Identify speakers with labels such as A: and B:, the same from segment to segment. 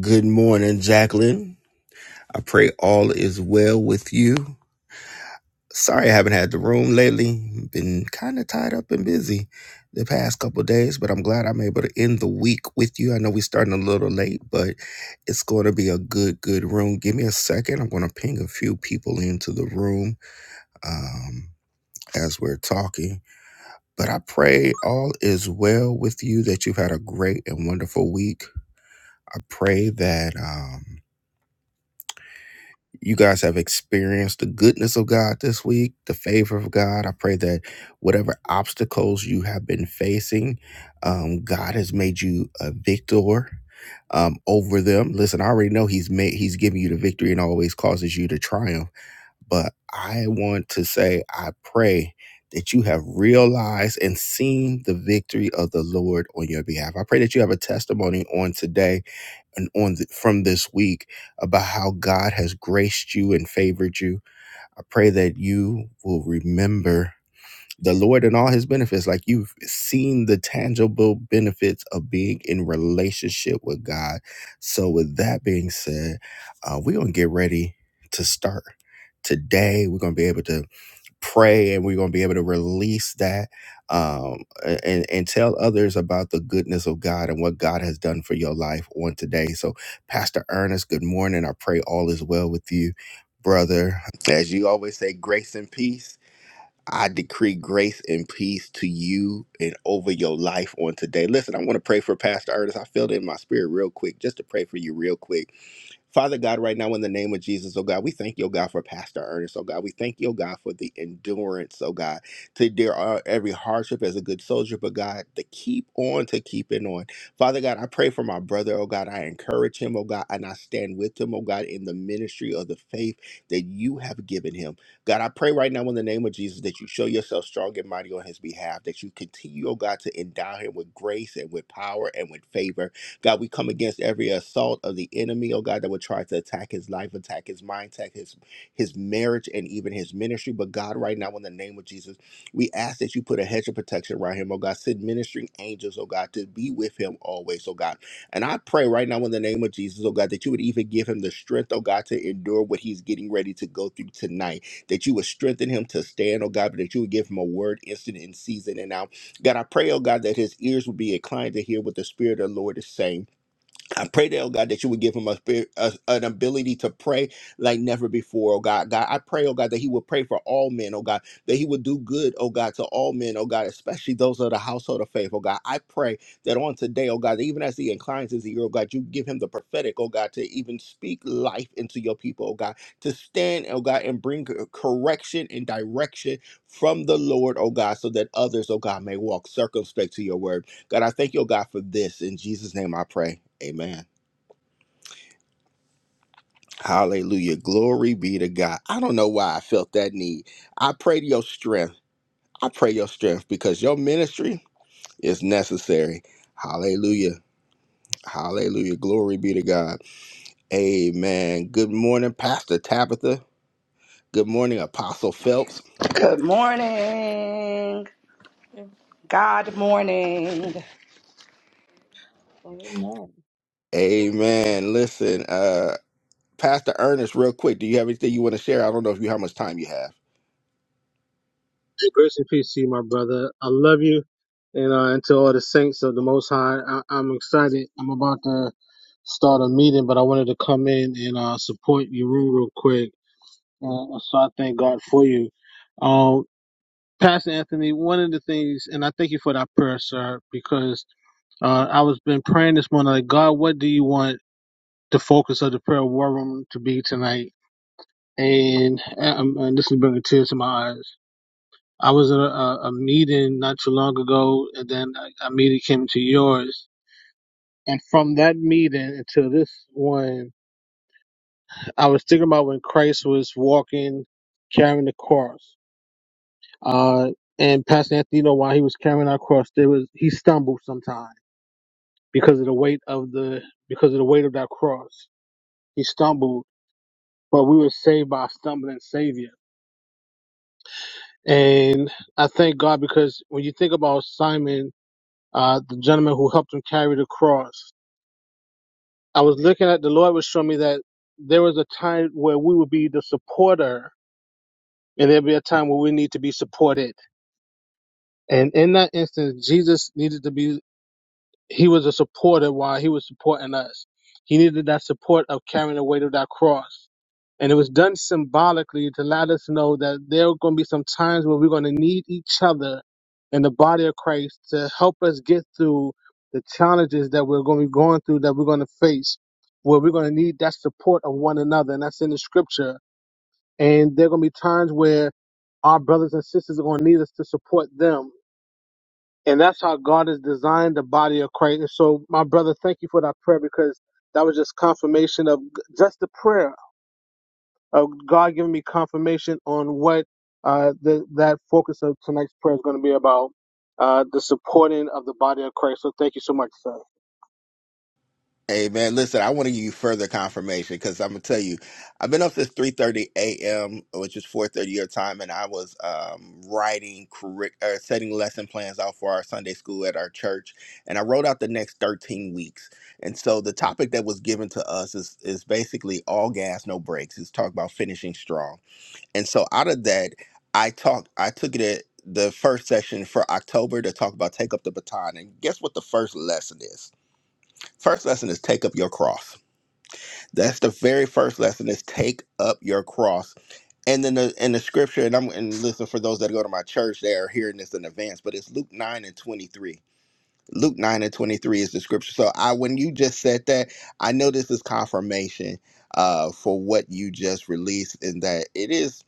A: Good morning, Jacqueline. I pray all is well with you. Sorry I haven't had the room lately. Been kind of tied up and busy the past couple of days, but I'm glad I'm able to end the week with you. I know we're starting a little late, but it's going to be a good, good room. Give me a second. I'm going to ping a few people into the room um, as we're talking. But I pray all is well with you, that you've had a great and wonderful week. I pray that. Um, you guys have experienced the goodness of God this week, the favor of God. I pray that whatever obstacles you have been facing, um, God has made you a victor um, over them. Listen, I already know He's made He's giving you the victory and always causes you to triumph. But I want to say, I pray that you have realized and seen the victory of the Lord on your behalf. I pray that you have a testimony on today and on the, from this week about how God has graced you and favored you. I pray that you will remember the Lord and all his benefits like you've seen the tangible benefits of being in relationship with God. So with that being said, uh, we're going to get ready to start. Today, we're going to be able to pray and we're going to be able to release that um, and, and tell others about the goodness of God and what God has done for your life on today. So, Pastor Ernest, good morning. I pray all is well with you, brother. As you always say, grace and peace. I decree grace and peace to you and over your life on today. Listen, I want to pray for Pastor Ernest. I feel it in my spirit real quick, just to pray for you real quick. Father God, right now in the name of Jesus, oh God, we thank you, oh God, for Pastor Ernest, oh God. We thank you, oh God, for the endurance, oh God, to dare uh, every hardship as a good soldier, but God, to keep on, to keep it on. Father God, I pray for my brother, oh God. I encourage him, oh God, and I stand with him, oh God, in the ministry of the faith that you have given him. God, I pray right now in the name of Jesus that you show yourself strong and mighty on his behalf, that you continue, oh God, to endow him with grace and with power and with favor God, we come against every assault of the enemy, oh God, that would try to attack his life, attack his mind, attack his his marriage and even his ministry. But God, right now, in the name of Jesus, we ask that you put a hedge of protection around him, oh God. Send ministering angels, oh God, to be with him always, oh God. And I pray right now in the name of Jesus, oh God, that you would even give him the strength, oh God, to endure what he's getting ready to go through tonight. That you would strengthen him to stand, oh God, but that you would give him a word instant in season and out God, I pray, oh God, that his ears will be inclined to hear what the Spirit of the Lord is saying. I pray that, oh God, that you would give him a spirit, a, an ability to pray like never before, oh God. God, I pray, oh God, that he would pray for all men, oh God, that he would do good, oh God, to all men, oh God, especially those of the household of faith, oh God. I pray that on today, oh God, that even as he inclines his ear, oh God, you give him the prophetic, oh God, to even speak life into your people, oh God, to stand, oh God, and bring cor- correction and direction from the Lord, oh God, so that others, oh God, may walk circumspect to your word. God, I thank you, oh God, for this. In Jesus' name I pray. Amen. Hallelujah. Glory be to God. I don't know why I felt that need. I pray to your strength. I pray your strength because your ministry is necessary. Hallelujah. Hallelujah. Glory be to God. Amen. Good morning, Pastor Tabitha. Good morning, Apostle Phelps.
B: Good morning.
C: Amen.
B: God morning.
C: And
A: Amen. Listen, uh, Pastor Ernest, real quick, do you have anything you want to share? I don't know if you how much time you have.
D: Grace and peace to you, my brother. I love you, and uh, and to all the saints of the Most High. I, I'm excited. I'm about to start a meeting, but I wanted to come in and uh, support your room real quick. Uh, so I thank God for you, um, Pastor Anthony. One of the things, and I thank you for that prayer, sir, because uh, I was been praying this morning. Like God, what do you want the focus of the prayer war room to be tonight? And, um, and this is bringing tears to my eyes I was at a, a, a meeting not too long ago, and then a, a meeting came to yours. And from that meeting until this one, I was thinking about when Christ was walking, carrying the cross. Uh, and Pastor Anthony, you know, while he was carrying our cross, there was he stumbled sometimes because of the weight of the because of the weight of that cross. He stumbled, but we were saved by a stumbling Savior. And I thank God because when you think about Simon, uh, the gentleman who helped him carry the cross. I was looking at the Lord was showing me that there was a time where we would be the supporter, and there'd be a time where we need to be supported. And in that instance, Jesus needed to be he was a supporter while he was supporting us. He needed that support of carrying the weight of that cross. And it was done symbolically to let us know that there are going to be some times where we're going to need each other in the body of Christ to help us get through the challenges that we're going to be going through, that we're going to face, where we're going to need that support of one another. And that's in the scripture. And there are going to be times where our brothers and sisters are going to need us to support them. And that's how God has designed the body of Christ. And so, my brother, thank you for that prayer because that was just confirmation of just the prayer uh, God giving me confirmation on what uh, the, that focus of tonight's prayer is going to be about. Uh, the supporting of the body of Christ. So thank you so much, sir.
A: Hey man, listen, I want to give you further confirmation because I'm gonna tell you, I've been up since 3:30 a.m., which is 4:30 your time, and I was um, writing curric- uh, setting lesson plans out for our Sunday school at our church, and I wrote out the next 13 weeks. And so the topic that was given to us is is basically all gas, no brakes. It's talk about finishing strong, and so out of that, I talked, I took it at the first session for October to talk about take up the baton, and guess what the first lesson is? First lesson is take up your cross. That's the very first lesson is take up your cross. And then the and the scripture, and I'm and listen for those that go to my church, they are hearing this in advance, but it's Luke 9 and 23. Luke 9 and 23 is the scripture. So I when you just said that, I know this is confirmation uh for what you just released, and that it is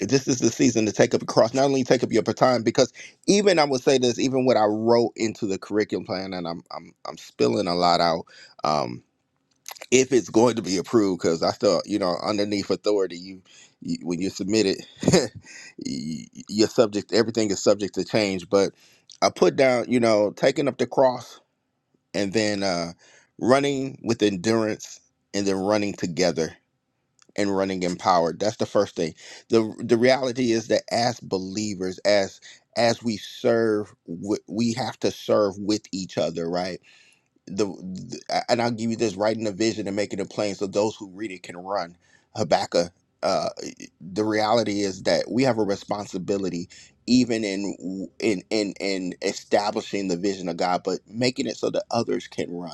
A: this is the season to take up a cross, not only take up your baton, because even I would say this, even what I wrote into the curriculum plan, and I'm I'm I'm spilling a lot out. um, if it's going to be approved because i thought you know underneath authority you, you when you submit it y- you're subject everything is subject to change but i put down you know taking up the cross and then uh running with endurance and then running together and running empowered that's the first thing the the reality is that as believers as as we serve w- we have to serve with each other right the, the and I'll give you this writing a vision and making it plain so those who read it can run. Habakkuk. Uh, e, the reality is that we have a responsibility, even in in in in establishing the vision of God, but making it so that others can run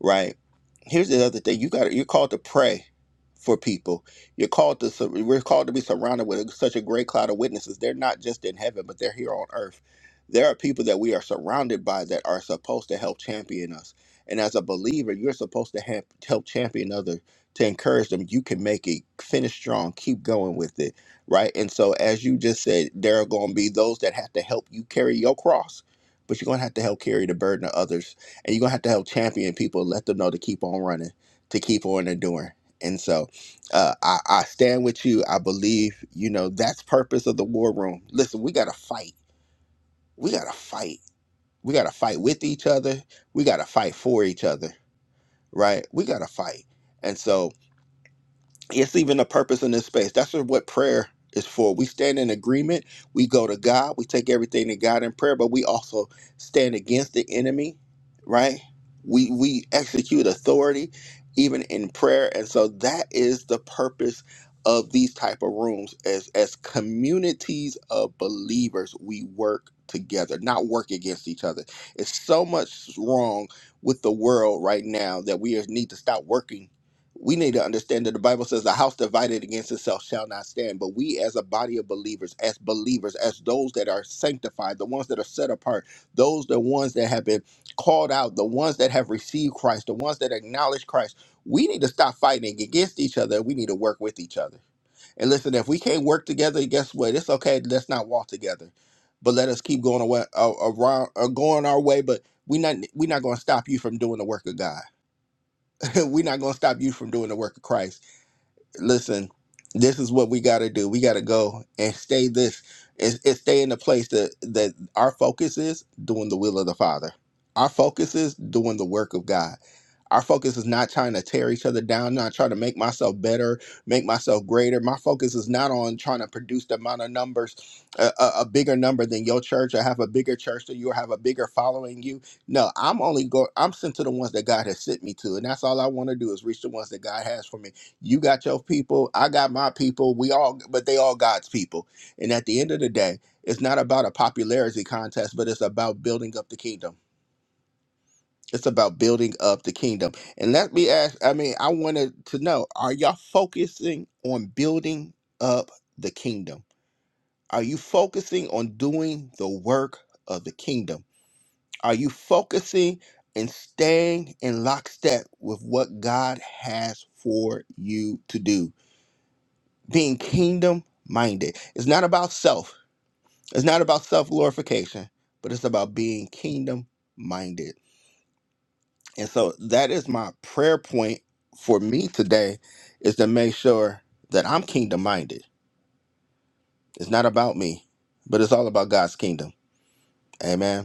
A: right? Here's the other thing: you got you're called to pray for people. You're called to sur- we're called to be surrounded with such a great cloud of witnesses. They're not just in heaven, but they're here on earth. There are people that we are surrounded by that are supposed to help champion us. And as a believer, you're supposed to have, help champion others to encourage them. You can make it. Finish strong. Keep going with it, right? And so, as you just said, there are going to be those that have to help you carry your cross, but you're going to have to help carry the burden of others and you're gonna have to help champion people, let them know to keep on running, to keep on enduring. And so, uh, I, I stand with you. I believe you know that's purpose of the war room. Listen, we gotta fight. We gotta fight. We gotta fight with each other. We gotta fight for each other. Right? We gotta fight. And so it's even a purpose in this space. That's what prayer is for. We stand in agreement. We go to God. We take everything to God in prayer, but we also stand against the enemy, right? We we execute authority even in prayer, and so that is the purpose of these type of rooms. As as communities of believers, we work together, not work against each other. It's so much wrong with the world right now that we need to stop working we need to understand that the Bible says the house divided against itself shall not stand. But we, as a body of believers, as believers, as those that are sanctified, the ones that are set apart, those the ones that have been called out, the ones that have received Christ, the ones that acknowledge Christ, we need to stop fighting against each other. We need to work with each other. And listen, if we can't work together, guess what? It's okay. Let's not walk together, but let us keep going away, uh, around, uh, going our way. But we're not, we're not going to stop you from doing the work of God. we're not going to stop you from doing the work of Christ listen, this is what we got to do. We got to go and stay this and, and stay in the place that that our focus is doing the will of the Father. Our focus is doing the work of God. Our focus is not trying to tear each other down, not trying to make myself better, make myself greater. My focus is not on trying to produce the amount of numbers, a, a, a bigger number than your church, or have a bigger church than you, or have a bigger following you. No, I'm only go. I'm sent to the ones that God has sent me to, and that's all I want to do is reach the ones that God has for me. You got your people, I got my people, we all but they all God's people. And at the end of the day, it's not about a popularity contest, but it's about building up the kingdom. It's about building up the kingdom. And let me ask, I mean, I wanted to know, are y'all focusing on building up the kingdom? Are you focusing on doing the work of the kingdom? Are you focusing and staying in lockstep with what God has for you to do? being kingdom minded. It's not about self. It's not about self glorification, but it's about being kingdom minded. And so that is my prayer point for me today is to make sure that I'm kingdom minded. It's not about me, but it's all about God's kingdom. Amen.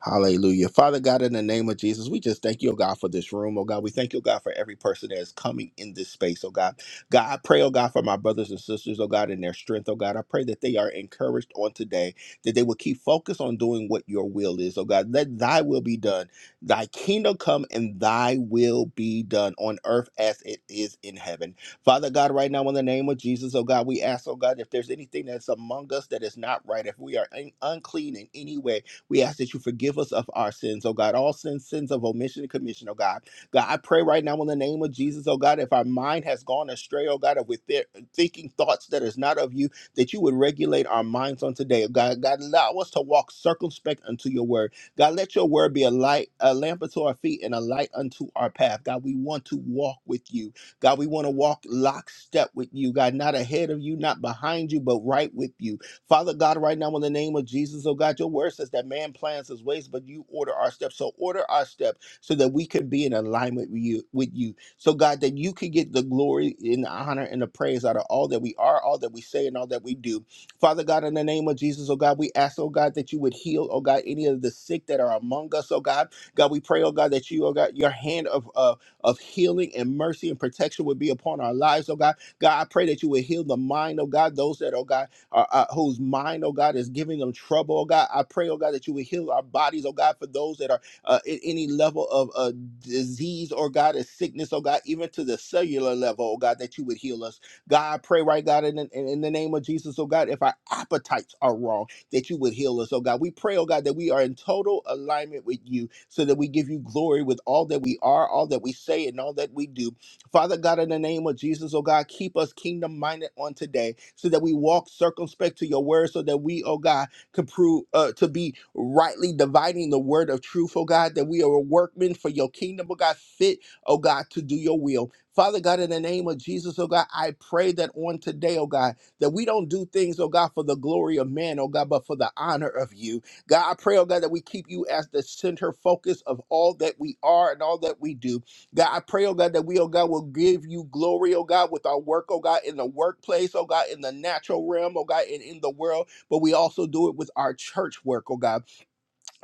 A: Hallelujah. Father God, in the name of Jesus, we just thank you, oh God, for this room. Oh God, we thank you, oh God, for every person that is coming in this space, oh God. God, I pray, oh God, for my brothers and sisters, oh God, in their strength, oh God. I pray that they are encouraged on today, that they will keep focused on doing what your will is, oh God. Let thy will be done. Thy kingdom come and thy will be done on earth as it is in heaven. Father God, right now, in the name of Jesus, oh God, we ask, oh God, if there's anything that's among us that is not right, if we are un- unclean in any way, we ask that you forgive us of our sins, oh God, all sins, sins of omission and commission, oh God. God, I pray right now in the name of Jesus, oh God, if our mind has gone astray, oh God, if we're thi- thinking thoughts that is not of you, that you would regulate our minds on today, oh God. God, allow us to walk circumspect unto your word. God, let your word be a light, a lamp unto our feet and a light unto our path. God, we want to walk with you. God, we want to walk lockstep with you, God, not ahead of you, not behind you, but right with you. Father God, right now, in the name of Jesus, oh God, your word says that man plans his ways, but you order our steps. So order our step so that we could be in alignment with you, with you. So God, that you could get the glory and the honor and the praise out of all that we are, all that we say, and all that we do. Father God, in the name of Jesus, oh God, we ask, oh God, that you would heal, oh God, any of the sick that are among us, oh God. God, we pray, oh God, that you, oh God, your hand of uh, of healing and mercy and protection would be upon our lives, oh God. God, I pray that you would heal the mind, oh God, those that, oh God uh, uh, whose mind, oh God, is giving them trouble, oh God. I pray, oh God, that you would heal our bodies, oh God, for those that are uh, at any level of uh, disease, or God, a sickness, oh God, even to the cellular level, oh God, that you would heal us. God, I pray right, God, in, in, in the name of Jesus, oh God, if our appetites are wrong, that you would heal us, oh God. We pray, oh God, that we are in total alignment with you so that we give you glory with all that we are, all that we say, and all that we do. Father God, in the name of Jesus, oh God, keep us kingdom minded on today so that we walk circumspect to your word, so that we, oh God, can prove uh, to be rightly dividing the word of truth, oh God, that we are workmen for your kingdom, oh God, fit, oh God, to do your will. Father God, in the name of Jesus, oh God, I pray that on today, oh God, that we don't do things, oh God, for the glory of man, oh God, but for the honor of you. God, I pray, oh God, that we keep you as the center focus of all that we are and all that we do. God, I pray, oh God, that we, oh God, will give you glory, oh God, with our work, oh God, in the workplace, oh God, in the natural realm, oh God, and in the world, but we also do it with our church work, oh God.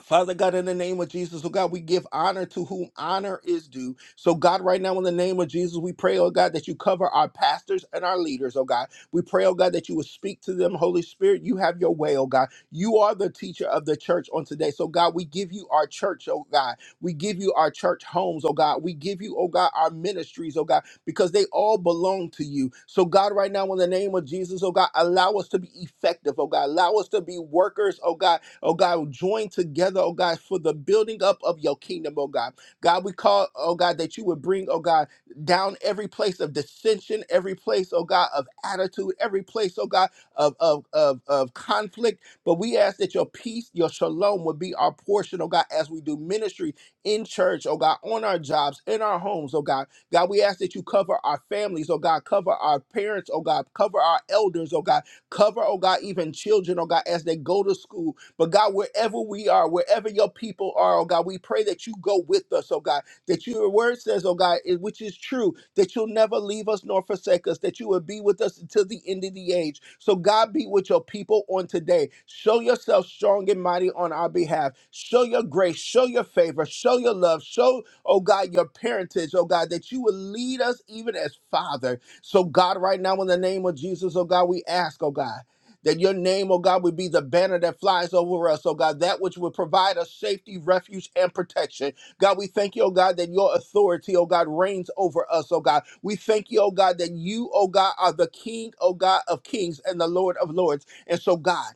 A: Father God, in the name of Jesus, oh God, we give honor to whom honor is due. So, God, right now, in the name of Jesus, we pray, oh God, that you cover our pastors and our leaders, oh God. We pray, oh God, that you would speak to them, Holy Spirit. You have your way, oh God. You are the teacher of the church on today. So, God, we give you our church, oh God. We give you our church homes, oh God. We give you, oh God, our ministries, oh God, because they all belong to you. So, God, right now, in the name of Jesus, oh God, allow us to be effective, oh God. Allow us to be workers, oh God, oh God, join together, oh God, for the building up of your kingdom, oh God. God, we call, oh God, that you would bring, oh God, down every place of dissension, every place, oh God, of attitude, every place, oh God, of, of, of, of conflict. But we ask that your peace, your shalom would be our portion, oh God, as we do ministry in church, oh God, on our jobs, in our homes, oh God. God, we ask that you cover our families, oh God, cover our parents, oh God, cover our elders, oh God, cover, oh God, even children, oh God, as they go to school. But God, wherever we are, wherever your people are, oh God, we pray that you go with us, oh God that your word says, oh God, it- which is true, that you'll never leave us nor forsake us, that you will be with us until the end of the age. So, God, be with your people on today. Show yourself strong and mighty on our behalf. Show your grace, show your favor, show your love, show, oh God, your parentage, oh God, that you will lead us even as Father. So, God, right now, in the name of Jesus, oh God, we ask, oh God that your name, oh God, would be the banner that flies over us, oh God, that which would provide us safety, refuge, and protection. God, we thank you, oh God, that your authority, oh God, reigns over us, oh God. We thank you, oh God, that you, oh God, are the King, oh God, of kings and the Lord of lords. And so, God,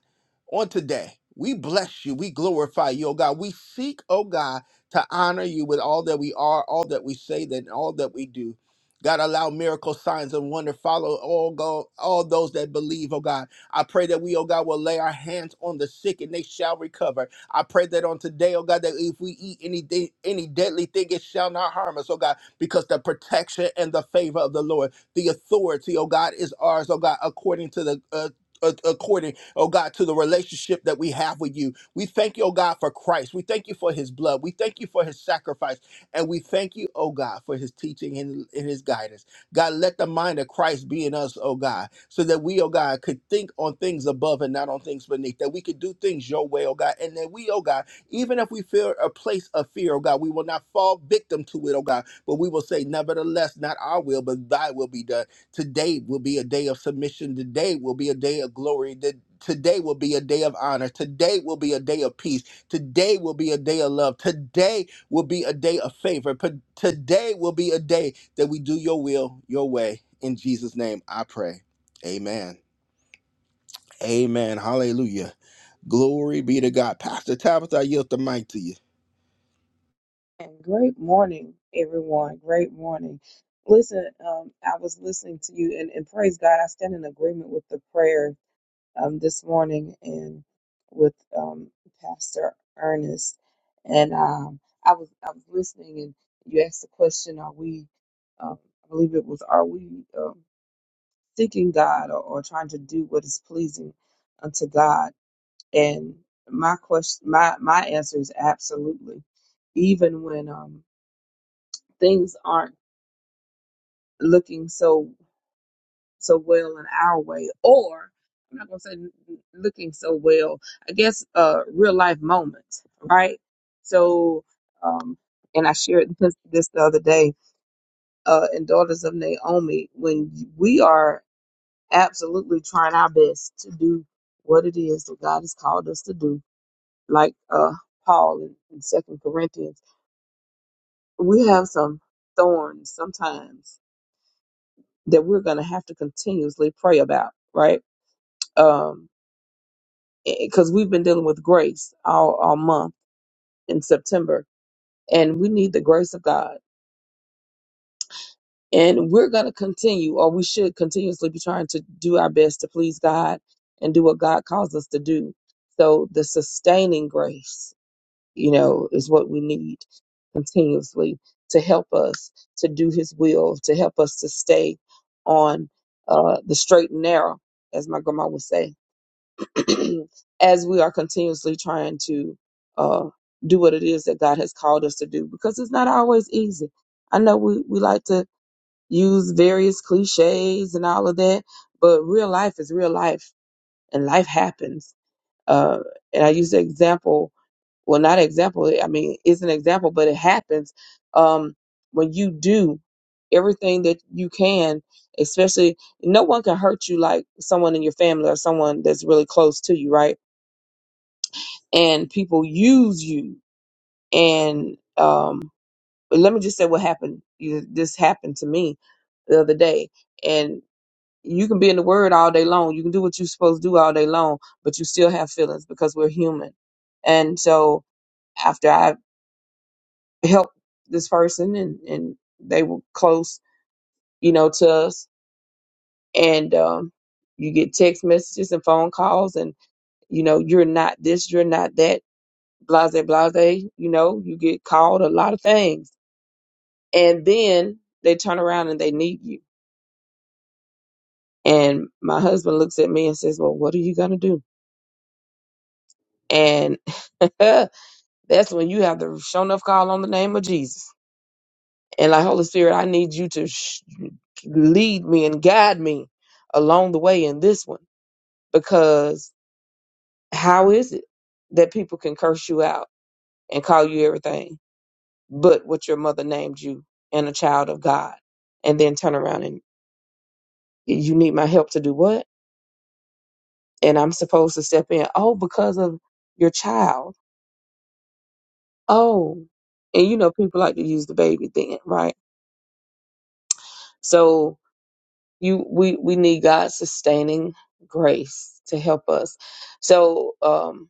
A: on today, we bless you. We glorify you, oh God. We seek, oh God, to honor you with all that we are, all that we say, and all that we do. God, allow miracle signs and wonder follow all go, all those that believe, oh God. I pray that we, oh God, will lay our hands on the sick and they shall recover. I pray that on today, oh God, that if we eat anything, any deadly thing, it shall not harm us, oh God, because the protection and the favor of the Lord, the authority, oh God, is ours, oh God, according to the uh, a- according, oh God, to the relationship that we have with you. We thank you, oh God, for Christ. We thank you for his blood. We thank you for his sacrifice. And we thank you, oh God, for his teaching and, and his guidance. God, let the mind of Christ be in us, oh God, so that we, oh God, could think on things above and not on things beneath, that we could do things your way, oh God, and that we, oh God, even if we feel a place of fear, oh God, we will not fall victim to it, oh God, but we will say, nevertheless, not our will, but thy will be done. Today will be a day of submission. Today will be a day of glory. Th- Today will be a day of honor. Today will be a day of peace. Today will be a day of love. Today will be a day of favor. P- Today will be a day that we do your will, your way. In Jesus' name, I pray. Amen. Amen. Hallelujah. Glory be to God. Pastor Tabitha, I yield the mic to you.
C: great morning, everyone. Great morning. Listen, um, I was listening to you, and, and praise God, I stand in agreement with the prayer um, this morning and with um, Pastor Ernest. And um, I was I was listening, and you asked the question: Are we? Um, I believe it was: Are we um, seeking God or, or trying to do what is pleasing unto God? And my question, my my answer is absolutely. Even when um things aren't looking so so well in our way, or I'm not gonna say n- n- looking so well. I guess uh real life moments, right? So um, and I shared this, this the other day uh in Daughters of Naomi when we are absolutely trying our best to do what it is that God has called us to do, like uh Paul in, in Second Corinthians. we have some thorns sometimes that we're going to have to continuously pray about, right? Um, because we've been dealing with grace all, all month in September, and we need the grace of God. And we're going to continue, or we should continuously be trying to do our best to please God and do what God calls us to do. So, the sustaining grace you know, is what we need continuously to help us to do His will, to help us to stay on uh, the straight and narrow, as my grandma would say, as we are continuously trying to uh, do what it is that God has called us to do, because it's not always easy. I know we, we like to use various cliches and all of that, but real life is real life, and life happens. Uh, and I use the example well not example i mean it's an example but it happens um when you do everything that you can especially no one can hurt you like someone in your family or someone that's really close to you right and people use you and um let me just say what happened You- this happened to me the other day and you can be in the word all day long you can do what you're supposed to do all day long but you still have feelings because we're human and so after I help this person and, and they were close, you know, to us. And um, you get text messages and phone calls and, you know, you're not this, you're not that, blase, blase, you know, you get called a lot of things. And then they turn around and they need you. And my husband looks at me and says, Well, what are you going to do? And that's when you have the show enough call on the name of Jesus And like, Holy Spirit, I need you to sh- lead me and guide me along the way in this one. Because how is it that people can curse you out and call you everything but what your mother named you and a child of God? And then turn around and you need my help to do what? And I'm supposed to step in. Oh, because of your child. Oh. And you know, people like to use the baby thing, right? So. you we we need God's sustaining grace to help us. So um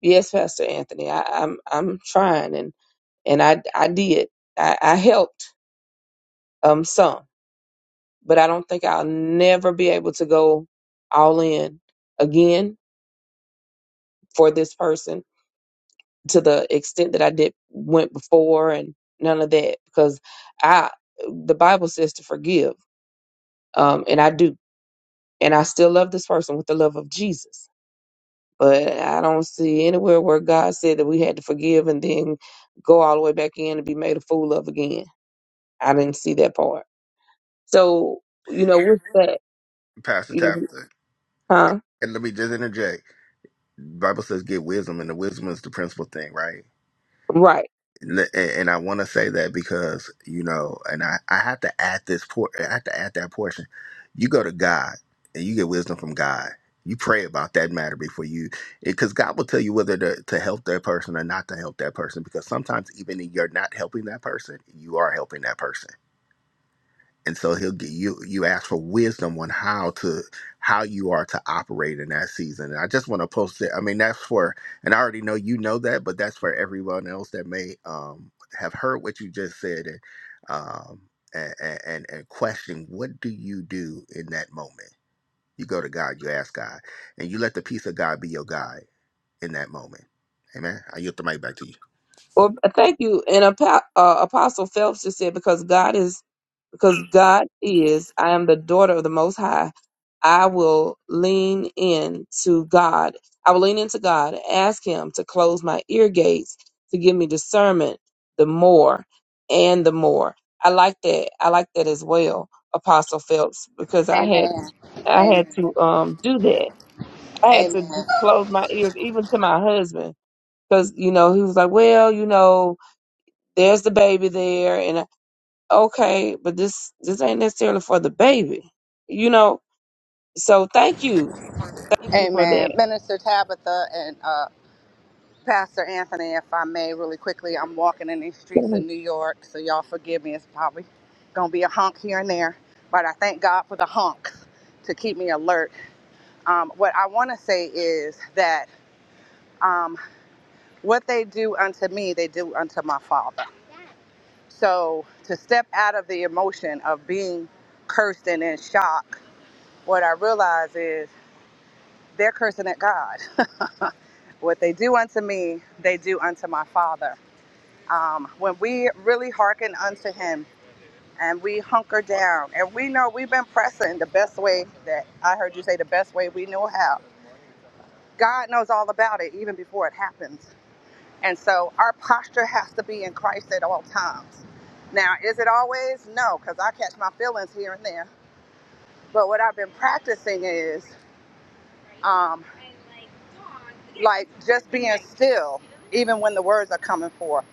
C: yes, Pastor Anthony, I, I'm I'm trying and and I I did. I, I helped um some, but I don't think I'll never be able to go all in again for this person to the extent that I did went before and none of that because I the Bible says to forgive. Um and I do. And I still love this person with the love of Jesus But I don't see anywhere where God said that we had to forgive and then go all the way back in and be made a fool of again. I didn't see that part. So, you know, with that,
A: Pastor
C: you know,
A: Tabitha.
C: huh?
A: And let me just interject. Bible says get wisdom, and the wisdom is the principal thing, right?
C: Right.
A: N- and I want to say that because you know, and I I have to add this por I have to add that portion. You go to God and you get wisdom from God. You pray about that matter before you, because God will tell you whether to, to help that person or not to help that person. Because sometimes even in you're not helping that person, you are helping that person and so he'll get you you ask for wisdom on how to how you are to operate in that season and i just want to post it i mean that's for and i already know you know that but that's for everyone else that may um have heard what you just said and um and and, and question what do you do in that moment you go to god you ask god and you let the peace of god be your guide in that moment amen i yield the mic back to you
C: Well, thank you. And Apo- uh, Apostle Phelps just said, because God is because God is, I am the daughter of the Most High. I will lean in to God. I will lean into God, ask Him to close my ear gates, to give me discernment the more and the more. I like that. I like that as well, Apostle Phelps, because I had I had to um do that. I had to d-
B: Amen.
C: close my ears, even to my husband, because you know he was like, "Well, you know, there's the baby there," okay, but this this ain't necessarily for the baby, you know. So thank you, thank you for
B: Amen.
C: that.
B: Minister Tabitha and uh, Pastor Anthony, if I may, really quickly, I'm walking in these streets of New York, so y'all forgive me. It's probably going to be a honk here and there, but I thank God for the honks to keep me alert. Um, what I want to say is that um, what they do unto me, they do unto my Father. So to step out of the emotion of being cursed and in shock what I realize is they're cursing at God. what they do unto me, they do unto my Father. Um, when we really hearken unto Him and we hunker down and we know we've been pressing the best way that I heard you say the best way we know how, God knows all about it even before it happens. And so our posture has to be in Christ at all times. Now, is it always? No, because I catch my feelings here and there. But what I've been practicing is um, like just being still, even when the words are coming forth,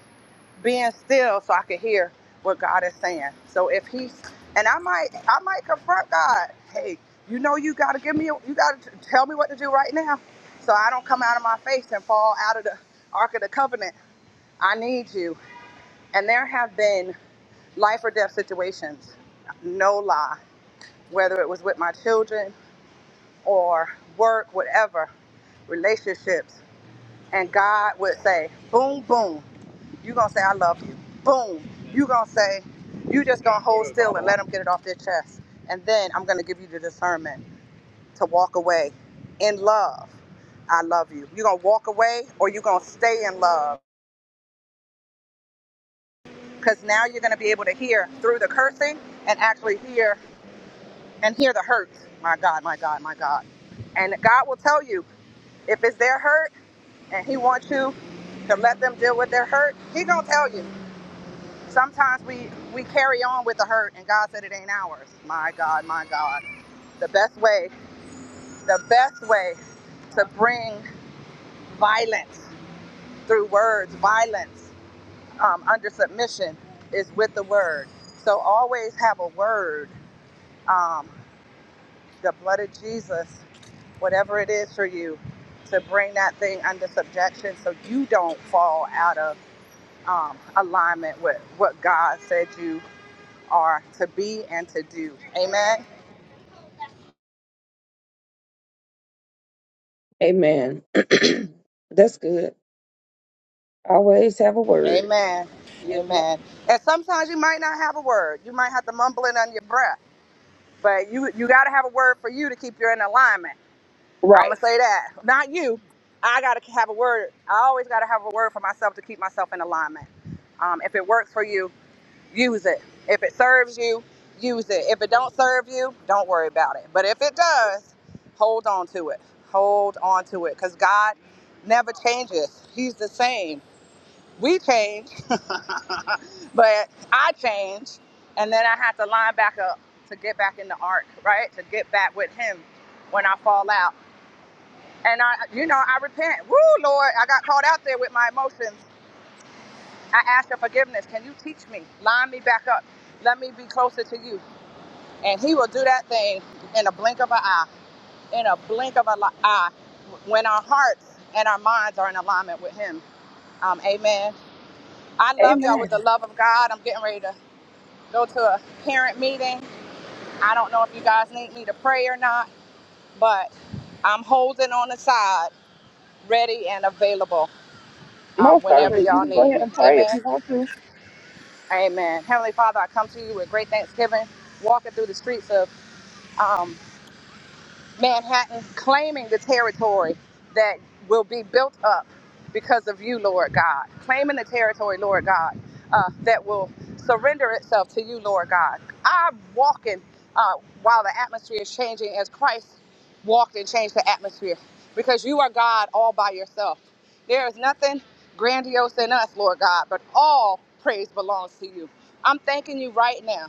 B: being still so I could hear what God is saying. So if He's, and I might, I might confront God. Hey, you know, you got to give me, you got to tell me what to do right now, so I don't come out of my face and fall out of the ark of the covenant. I need you. And there have been life or death situations, no lie, whether it was with my children or work, whatever, relationships. and God would say, boom, boom, you're going to say, I love you. Boom, you're going to say, you just going to hold still and let them get it off their chest. And then I'm going to give you the discernment to walk away in love. I love you. You're going to walk away or you're going to stay in love because now you're going to be able to hear through the cursing and actually hear and hear the hurt. My God, my God, my God. And God will tell you if it's their hurt and he wants you to let them deal with their hurt, he going to tell you. Sometimes we we carry on with the hurt, and God said it ain't ours. My God, my God. The best way, the best way to bring violence through words, violence um, under submission is with the word. So always have a word, um, the blood of Jesus, whatever it is for you, to bring that thing under subjection so you don't fall out of um, alignment with what God said you are to be and to do. Amen.
C: Amen. That's good. Always have a word.
B: Amen.
C: Yes, ma'am.
B: Amen. And sometimes you might not have a word. You might have to mumble it under your breath. But you you gotta have a word for you to keep you in alignment. I'ma
C: right.
B: say that. Not you. I gotta have a word. I always gotta have a word for myself to keep myself in alignment. Um, if it works for you, use it. If it serves you, use it. If it don't serve you, don't worry about it. But if it does, hold on to it. Hold on to it because God never changes. He's the same. We change, but I change, and then I have to line back up to get back in the ark, right? To get back with Him when I fall out. And I, you know, I repent. Woo, Lord, I got caught out there with my emotions. I ask for forgiveness. Can you teach me? Line me back up. Let me be closer to you and he will do that thing in a blink of an eye in a blink of an eye when our hearts and our minds are in alignment with him um, amen i love y'all with the
C: Amen.
B: love of god i'm getting ready to go to a parent meeting i don't know if you guys need me to pray or not but i'm holding on the side ready and available um,
C: Most
B: whenever
C: certainly, you
B: y'all
C: can go
B: need
C: ahead
B: me
C: and pray if
B: amen
C: you want to.
B: amen heavenly father i come to you with great thanksgiving walking through the streets of um, Manhattan claiming the territory that will be built up because of you, Lord God. Claiming the territory, Lord God, uh, that will surrender itself to you, Lord God. I'm walking uh, while the atmosphere is changing as Christ walked and changed the atmosphere because you are God all by yourself. There is nothing grandiose in us, Lord God, but all praise belongs to you. I'm thanking you right now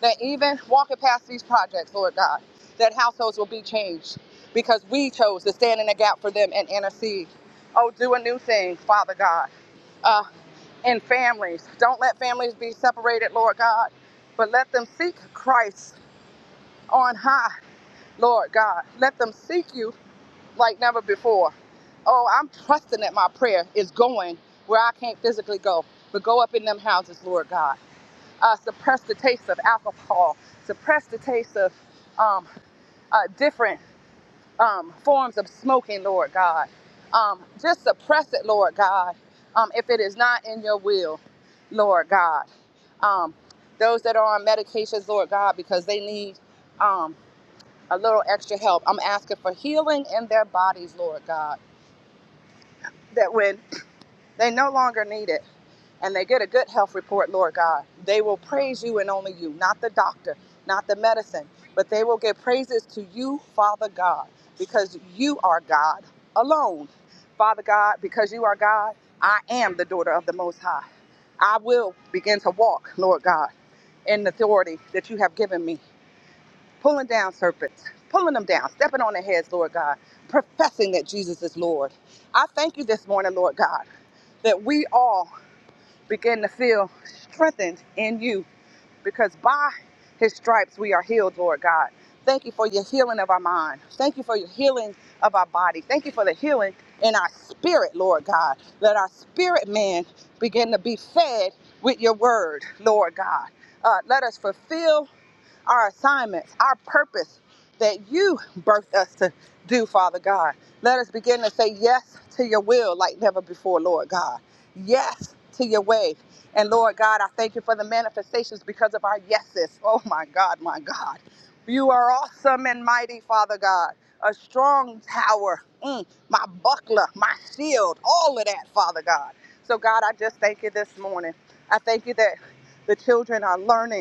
B: that even walking past these projects, Lord God that households will be changed because we chose to stand in the gap for them and intercede. Oh, do a new thing, Father God, uh, in families. Don't let families be separated, Lord God, but let them seek Christ on high, Lord God. Let them seek you like never before. Oh, I'm trusting that my prayer is going where I can't physically go, but go up in them houses, Lord God. Uh, suppress the taste of alcohol, suppress the taste of um, uh, different um, forms of smoking, Lord God. Um, just suppress it, Lord God, um, if it is not in your will, Lord God. Um, those that are on medications, Lord God, because they need um, a little extra help, I'm asking for healing in their bodies, Lord God. That when. They no longer need it. And they get a good health report, Lord God. They will praise you and only you, not the doctor, not the medicine, but they will give praises to you, Father God, because you are God alone. Father God, because you are God, I am the daughter of the Most High. I will begin to walk, Lord God, in the authority that you have given me pulling down serpents, pulling them down, stepping on their heads, Lord God, professing that Jesus is Lord. I thank you this morning, Lord God, that we all begin to feel strengthened in you because by his stripes we are healed, Lord God. Thank you for your healing of our mind. Thank you for your healing of our body. Thank you for the healing in our spirit, Lord God. Let our spirit man begin to be fed with your word, Lord God. Uh, let us fulfill our assignments, our purpose that you birthed us to do, Father God. Let us begin to say yes to your will like never before, Lord God. Yes to your way. And Lord God, I thank you for the manifestations because of our yeses. Oh my God, my God. You are awesome and mighty, Father God. A strong tower, Mm, my buckler, my shield, all of that, Father God. So, God, I just thank you this morning. I thank you that the children are learning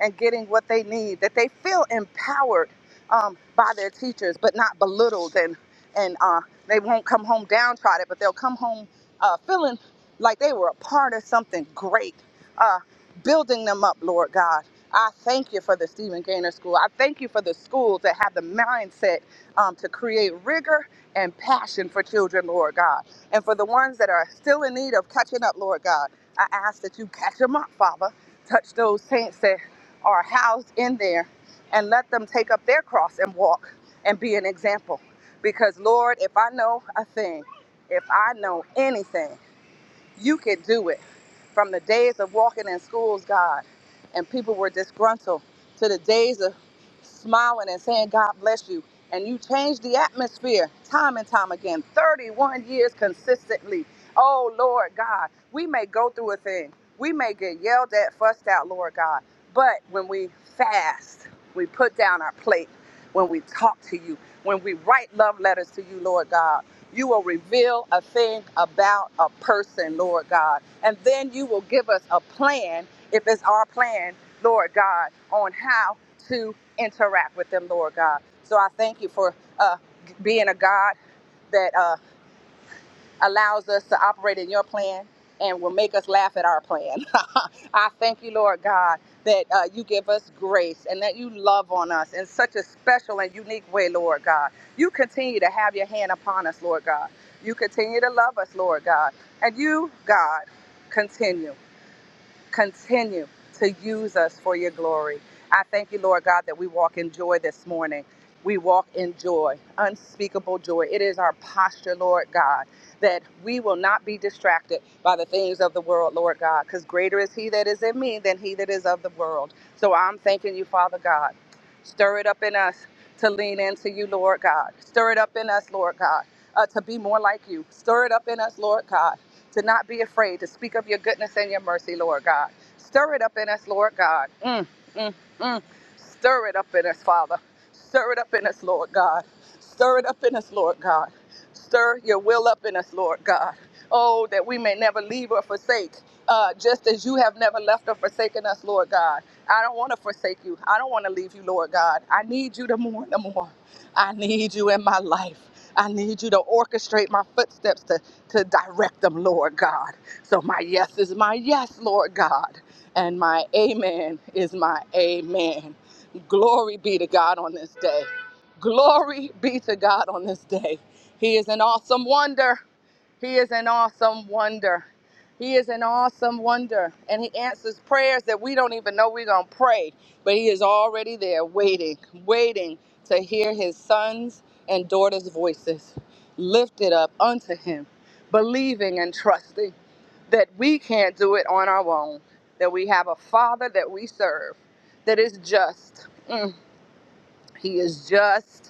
B: and getting what they need, that they feel empowered um, by their teachers, but not belittled, and and uh, they won't come home downtrodden, but they'll come home uh, feeling like they were a part of something great, uh, building them up, Lord God. I thank you for the Stephen Gaynor School. I thank you for the schools that have the mindset um, to create rigor and passion for children, Lord God. And for the ones that are still in need of catching up, Lord God, I ask that you catch them up, Father. Touch those saints that are housed in there and let them take up their cross and walk and be an example. Because, Lord, if I know a thing, if I know anything, you can do it. From the days of walking in schools, God, and people were disgruntled, to the days of smiling and saying, God bless you. And you changed the atmosphere time and time again, 31 years consistently. Oh, Lord God, we may go through a thing. We may get yelled at, fussed out, Lord God. But when we fast, we put down our plate, when we talk to you, when we write love letters to you, Lord God. You will reveal a thing about a person, Lord God. And then you will give us a plan, if it's our plan, Lord God, on how to interact with them, Lord God. So I thank you for uh, being a God that. uh, allows us to operate in your plan and will make us laugh at our plan. I thank you, Lord God, that uh, you give us grace and that you love on us in such a special and unique way, Lord God. You continue to have your hand upon us, Lord God. You continue to love us, Lord God. And you, God, continue. Continue to use us for your glory. I thank you, Lord God, that we walk in joy this morning. We walk in joy, unspeakable joy. It is our posture, Lord God, that we will not be distracted by the things of the world, Lord God, because greater is He that is in me than He that is of the world. So I'm thanking you, Father God. Stir it up in us to lean into you, Lord God. Stir it up in us, Lord God, uh, to be more like you. Stir it up in us, Lord God to not be afraid, to speak of your goodness and your mercy, Lord God. Stir it up in us, Lord God. Mm, mm, mm. Stir it up in us, Father. Stir it up in us, Lord God. Stir it up in us, Lord God. Stir your will up in us, Lord God. Oh, that we may never leave or forsake, uh, just as you have never left or forsaken us, Lord God. I don't want to forsake you. I don't want to leave you, Lord God. I need you to more and more. I need you in my life. I need you to orchestrate my footsteps to, to direct them, Lord God. So my yes is my yes, Lord God. And my amen is my amen. Glory be to God on this day. Glory be to God on this day. He is an awesome wonder. He is an awesome wonder. He is an awesome wonder. And he answers prayers that we don't even know we're going to pray. But he is already there waiting, waiting to hear his sons and daughters' voices lifted up unto him, believing and trusting that we can't do it on our own, that we have a father that we serve that is just. Mm, he is just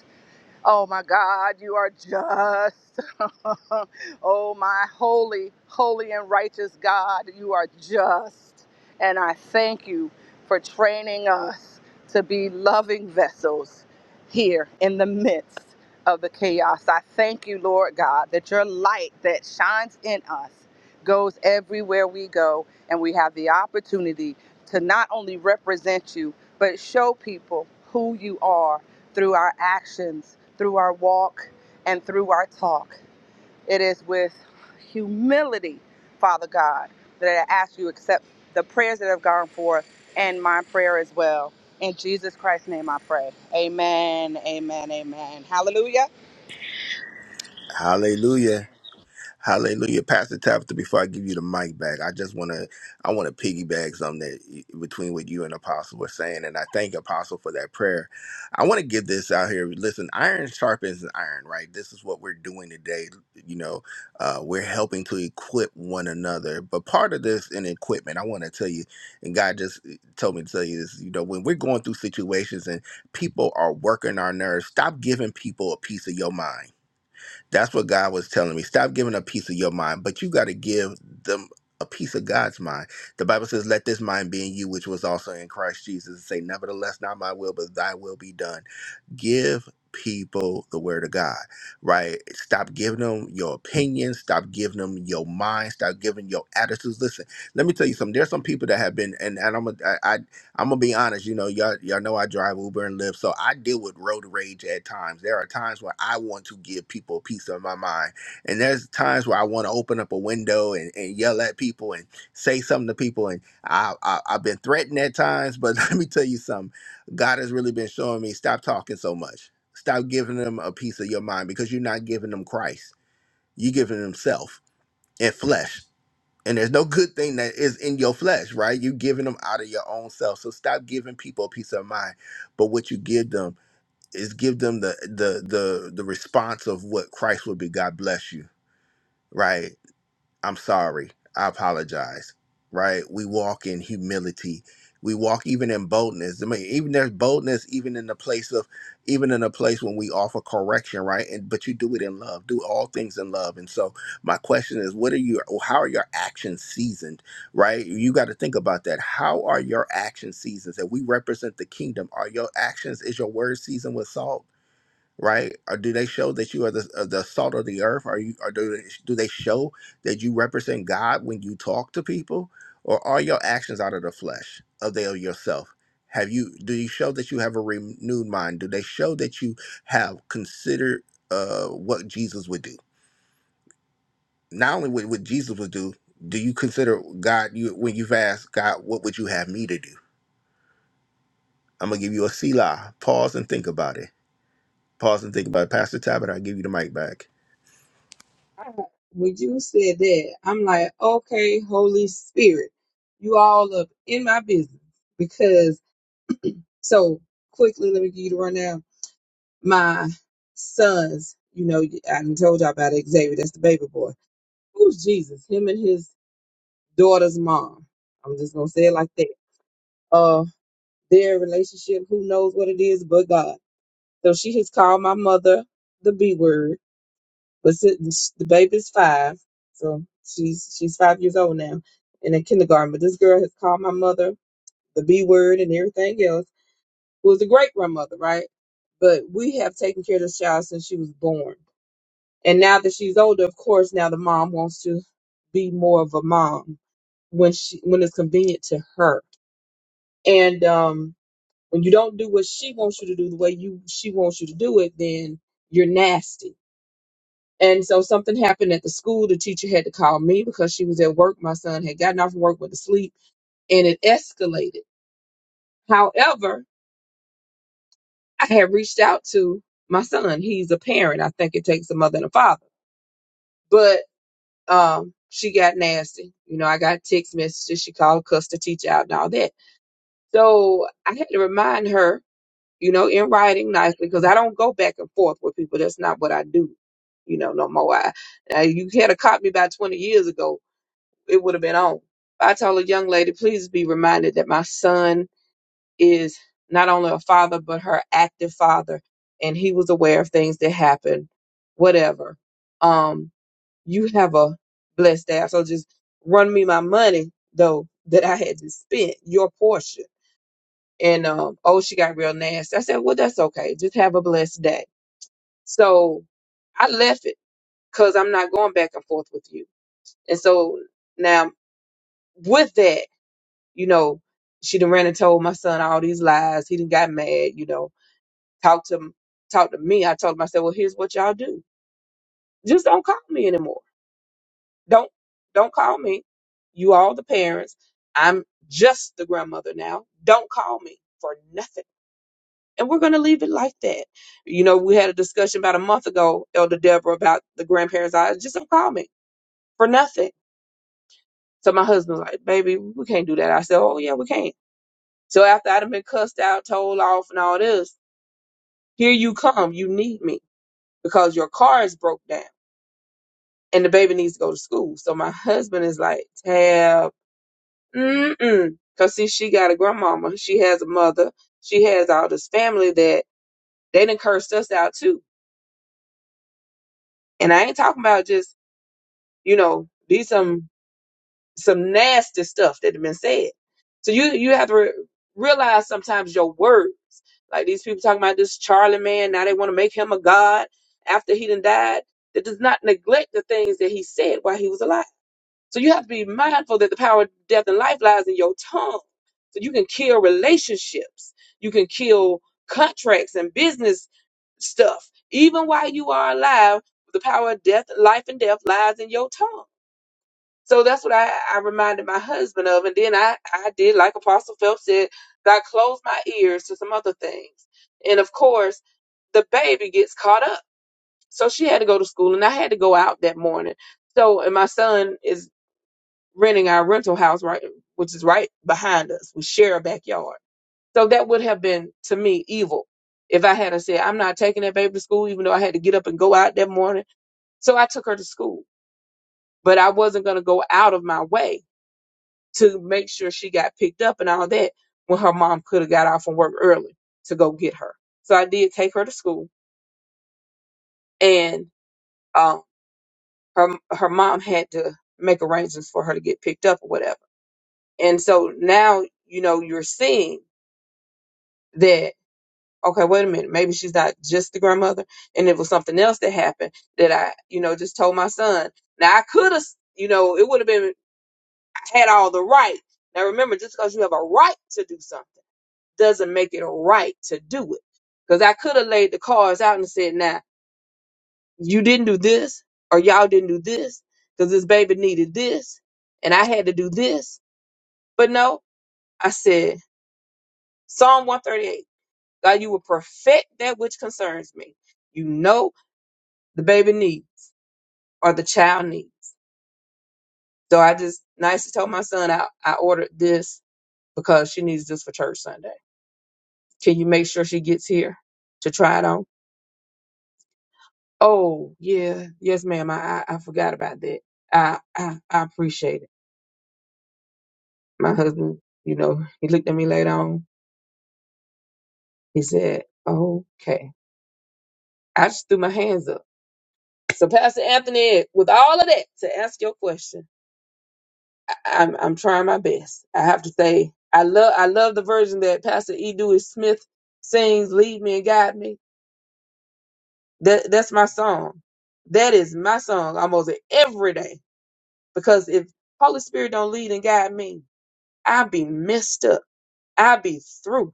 B: Oh my God, you are just. oh my holy, holy and righteous God, you are just. And I thank you for training us to be loving vessels here in the midst of the chaos. I thank you, Lord God, that your light that shines in us goes everywhere we go, and we have the opportunity to not only represent you, but show people who you are through our actions, through our walk, and through our talk. It is with humility, Father God, that I ask you to accept the prayers that have gone forth and my prayer as well. In Jesus Christ's name I pray. Amen, amen, amen. Hallelujah.
A: Hallelujah. Hallelujah, Pastor Tabitha. Before I give you the mic back, I just want to I want to piggyback something that between what you and Apostle were saying, and I thank Apostle for that prayer. I want to give this out here. Listen, iron sharpens iron, right? This is what we're doing today. You know, uh, we're helping to equip one another. But part of this in equipment, I want to tell you, and God just eh, told me to tell you this. You know, when we're going through situations and people are working our nerves, stop giving people a piece of your mind that's what God was telling me. Stop giving a piece of your mind, but you got to give them a piece of God's mind. The Bible says, Let this mind be in you, which was also in Christ Jesus, and say, Nevertheless, not my will, but thy will be done give people the word of God, right? Stop giving them your opinions, stop giving them your mind, stop giving your attitudes. Listen, let me tell you something. There's some people that have been and, and I'm gonna I, I I'm gonna be honest, you know, y'all y'all know I drive Uber and Lyft, so I deal with road rage at times. There are times where I want to give people peace of my mind. And there's times where I want to open up a window and, and yell at people and say something to people and I, I I've been threatened at times, but let me tell you something God has really been showing me stop talking so much. Stop giving them a piece of your mind because you're not giving them Christ. You're giving them self and flesh. And there's no good thing that is in your flesh, right? You're giving them out of your own self. So stop giving people a piece of mind. But what you give them is give them the the the the response of what Christ would be. God bless you. Right. I'm sorry. I apologize. Right? We walk in humility. We walk even in boldness. I mean, even there's boldness even in the place of even in a place when we offer correction, right? And but you do it in love. Do all things in love. And so my question is, what are you how are your actions seasoned? Right? You got to think about that. How are your actions seasoned? If we represent the kingdom, are your actions, is your word seasoned with salt? right? Or do they show that you are the uh, the salt of the earth? Are you or do they, do they show that you represent God when you talk to people, or are your actions out of the flesh of the of yourself? Have you do you show that you have a renewed mind? Do they show that you have considered uh, what Jesus would do? Not only what, what Jesus would do, do you consider God? You when you've asked God, what would you have me to do? I'm gonna give you a Selah. Pause and think about it. Pause and think about it. Pastor Tabitha, I give you the mic back.
C: I- when you said that, I'm like, okay, Holy Spirit, you all up in my business because so quickly. Let me give you the rundown. my sons, you know, I done told y'all about Xavier, that's the baby boy. Who's Jesus? Him and his daughter's mom. I'm just gonna say it like that. Uh their relationship, who knows what it is but God. So she has called my mother the B word, but since the baby's five, so she's she's five years old now and in kindergarten. But this girl has called my mother the B word and everything else, who is a great grandmother, right? But we have taken care of this child since she was born And now that she's older, of course, now the mom wants to be more of a mom when she when it's convenient to her. And um, when you don't do what she wants you to do the way you she wants you to do it, then you're nasty. And so something happened at the school. The teacher had to call me because she was at work. My son had gotten off from work with a sleep, and it escalated. However, I had reached out to my son. He's a parent. I think it takes a mother and a father. But. um, she got nasty. You know, I got text messages. She called, cussed the teacher out, and all that. So I had to remind her, you know, in writing nicely, because I don't go back and forth with people. That's not what I do, you know, no more. I, uh, you had a caught me about 20 years ago, it would have been on. I told a young lady, please be reminded that my son is not only a father, but her active father, and he was aware of things that happened, whatever. Um, you have a blessed day. So just run me my money though that I had to spend your portion. And um, oh, she got real nasty. I said, well, that's okay. Just have a blessed day. So I left it because I'm not going back and forth with you. And so now with that, you know, she done ran and told my son all these lies. He done got mad. You know, talked to talked to me. I told him, I said, well, here's what y'all do. Just don't call me anymore. Don't don't call me. You all the parents. I'm just the grandmother now. Don't call me for nothing. And we're gonna leave it like that. You know, we had a discussion about a month ago, Elder Deborah, about the grandparents. I just don't call me for nothing. So my husband's like, baby, we can't do that. I said, Oh yeah, we can. So after I'd have been cussed out, told off and all this, here you come. You need me because your car is broke down and the baby needs to go to school. So my husband is like, Tab Mm-mm. Cause see, she got a grandmama. She has a mother. She has all this family that they done cursed us out too. And I ain't talking about just, you know, these some some nasty stuff that have been said. So you you have to re- realize sometimes your words. Like these people talking about this Charlie man. Now they want to make him a god after he done died. That does not neglect the things that he said while he was alive. So you have to be mindful that the power of death and life lies in your tongue. So you can kill relationships, you can kill contracts and business stuff. Even while you are alive, the power of death, life and death lies in your tongue. So that's what I, I reminded my husband of. And then I, I did, like Apostle Phelps said, I closed my ears to some other things. And of course, the baby gets caught up. So she had to go to school and I had to go out that morning. So, and my son is renting our rental house right which is right behind us we share a backyard so that would have been to me evil if i had to say i'm not taking that baby to school even though i had to get up and go out that morning so i took her to school but i wasn't going to go out of my way to make sure she got picked up and all that when her mom could have got off from work early to go get her so i did take her to school and um, her, her mom had to make arrangements for her to get picked up or whatever and so now you know you're seeing that okay, wait a minute, maybe she's not just the grandmother, and it was something else that happened that I, you know, just told my son. Now I could have, you know, it would have been I had all the right. Now remember, just because you have a right to do something doesn't make it a right to do it. Because I could have laid the cards out and said, now you didn't do this, or y'all didn't do this, because this baby needed this, and I had to do this. But no, I said Psalm 138. God, you will perfect that which concerns me. You know the baby needs or the child needs. So I just nicely told my son I, I ordered this because she needs this for church Sunday. Can you make sure she gets here to try it on? Oh yeah, yes ma'am. I I, I forgot about that. I, I I appreciate it. My husband, you know, he looked at me later on. He said, "Okay." I just threw my hands up. So Pastor Anthony, with all of that, to ask your question. I'm I'm trying my best. I have to say I love I love the version that Pastor E. Dewey Smith sings, Lead Me and Guide Me. That that's my song. That is my song almost every day. Because if Holy Spirit don't lead and guide me, I'll be messed up. I'll be through.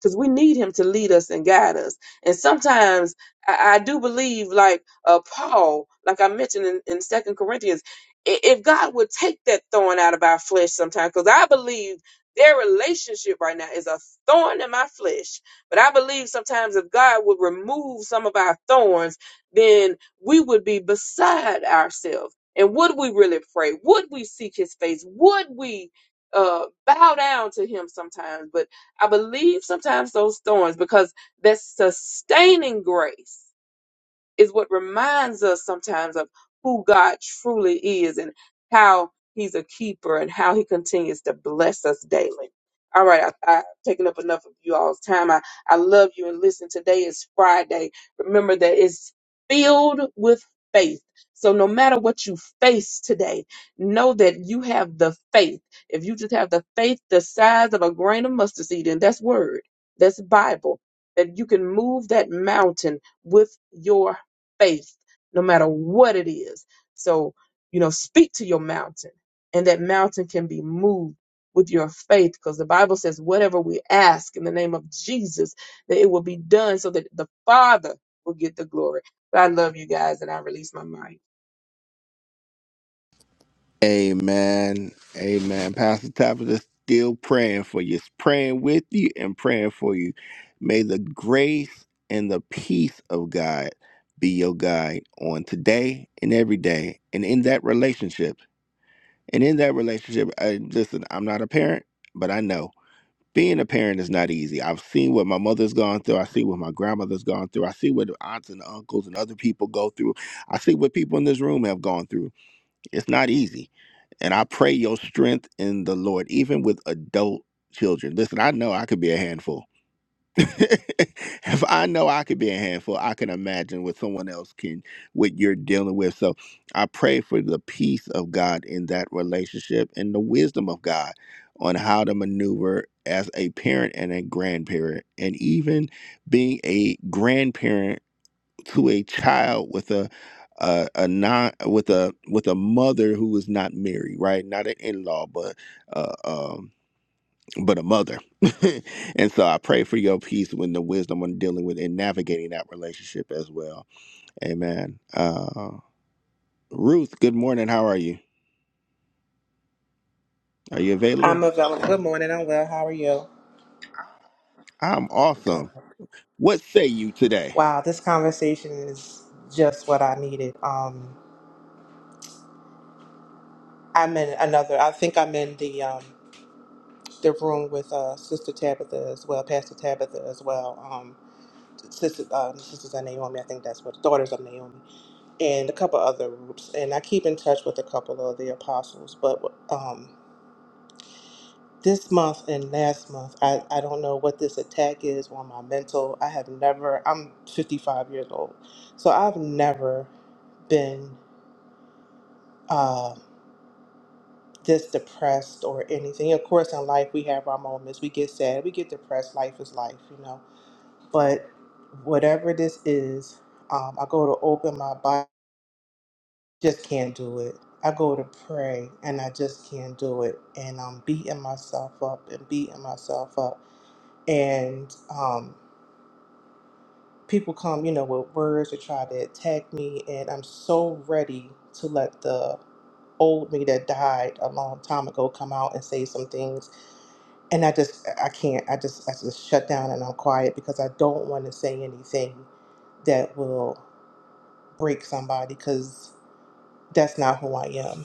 C: because we need him to lead us and guide us. And sometimes I, I do believe, like uh, Paul, like I mentioned in, in Second Corinthians, i- if God would take that thorn out of our flesh sometimes, because I believe their relationship right now is a thorn in my flesh. But I believe sometimes if God would remove some of our thorns, then we would be beside ourselves. And would we really pray? Would we seek his face? Would we uh, bow down to him sometimes? But I believe sometimes those thorns because that's sustaining grace is what reminds us sometimes of who God truly is and how He's a keeper and how He continues to bless us daily. All right, I, I've taken up enough of you all's time. I, I love you and listen. Today is Friday. Remember that it's filled with faith. So no matter what you face today, know that you have the faith. If you just have the faith the size of a grain of mustard seed, and that's word, that's Bible, that you can move that mountain with your faith, no matter what it is. So, you know, speak to your mountain, and that mountain can be moved with your faith because the Bible says, whatever we ask in the name of Jesus, that it will be done so that the Father will get the glory. But I love you guys, and I release my mind.
A: Amen. Amen. Pastor Tabitha still praying for you, praying with you and praying for you. May the grace and the peace of God be your guide on today and every day and in that relationship. And in that relationship, I, listen, I'm not a parent, but I know being a parent is not easy. I've seen what my mother's gone through. I see what my grandmother's gone through. I see what aunts and uncles and other people go through. I see what people in this room have gone through. It's not easy. And I pray your strength in the Lord, even with adult children. Listen, I know I could be a handful. if I know I could be a handful, I can imagine what someone else can, what you're dealing with. So I pray for the peace of God in that relationship and the wisdom of God on how to maneuver as a parent and a grandparent, and even being a grandparent to a child with a a, a non with a with a mother who is not married, right? Not an in law, but uh, um, but a mother. and so I pray for your peace when the wisdom on dealing with and navigating that relationship as well. Amen. Uh, Ruth, good morning. How are you? Are you
E: I'm
A: available?
E: available. Good morning. I'm well. How are you?
A: I'm
E: Good.
A: awesome. What say you today?
E: Wow, this conversation is just what I needed. Um, I'm in another. I think I'm in the um, the room with uh, Sister Tabitha as well, Pastor Tabitha as well. Um, sister, um, sisters of Naomi. I think that's what daughters of Naomi, and a couple other groups. And I keep in touch with a couple of the apostles, but um, this month and last month I, I don't know what this attack is on my mental i have never i'm 55 years old so i've never been uh, this depressed or anything of course in life we have our moments we get sad we get depressed life is life you know but whatever this is um, i go to open my body just can't do it i go to pray and i just can't do it and i'm beating myself up and beating myself up and um, people come, you know, with words to try to attack me, and I'm so ready to let the old me that died a long time ago come out and say some things. And I just, I can't. I just, I just shut down and I'm quiet because I don't want to say anything that will break somebody because that's not who I am.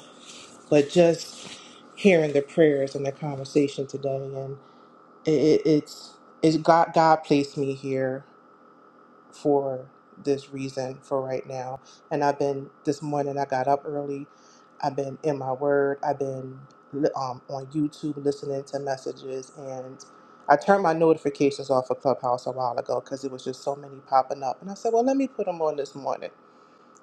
E: But just hearing the prayers and the conversation today, and it, it, it's, it's God. God placed me here for this reason for right now. And I've been this morning. I got up early. I've been in my word. I've been li- um, on YouTube listening to messages, and I turned my notifications off of Clubhouse a while ago because it was just so many popping up. And I said, well, let me put them on this morning.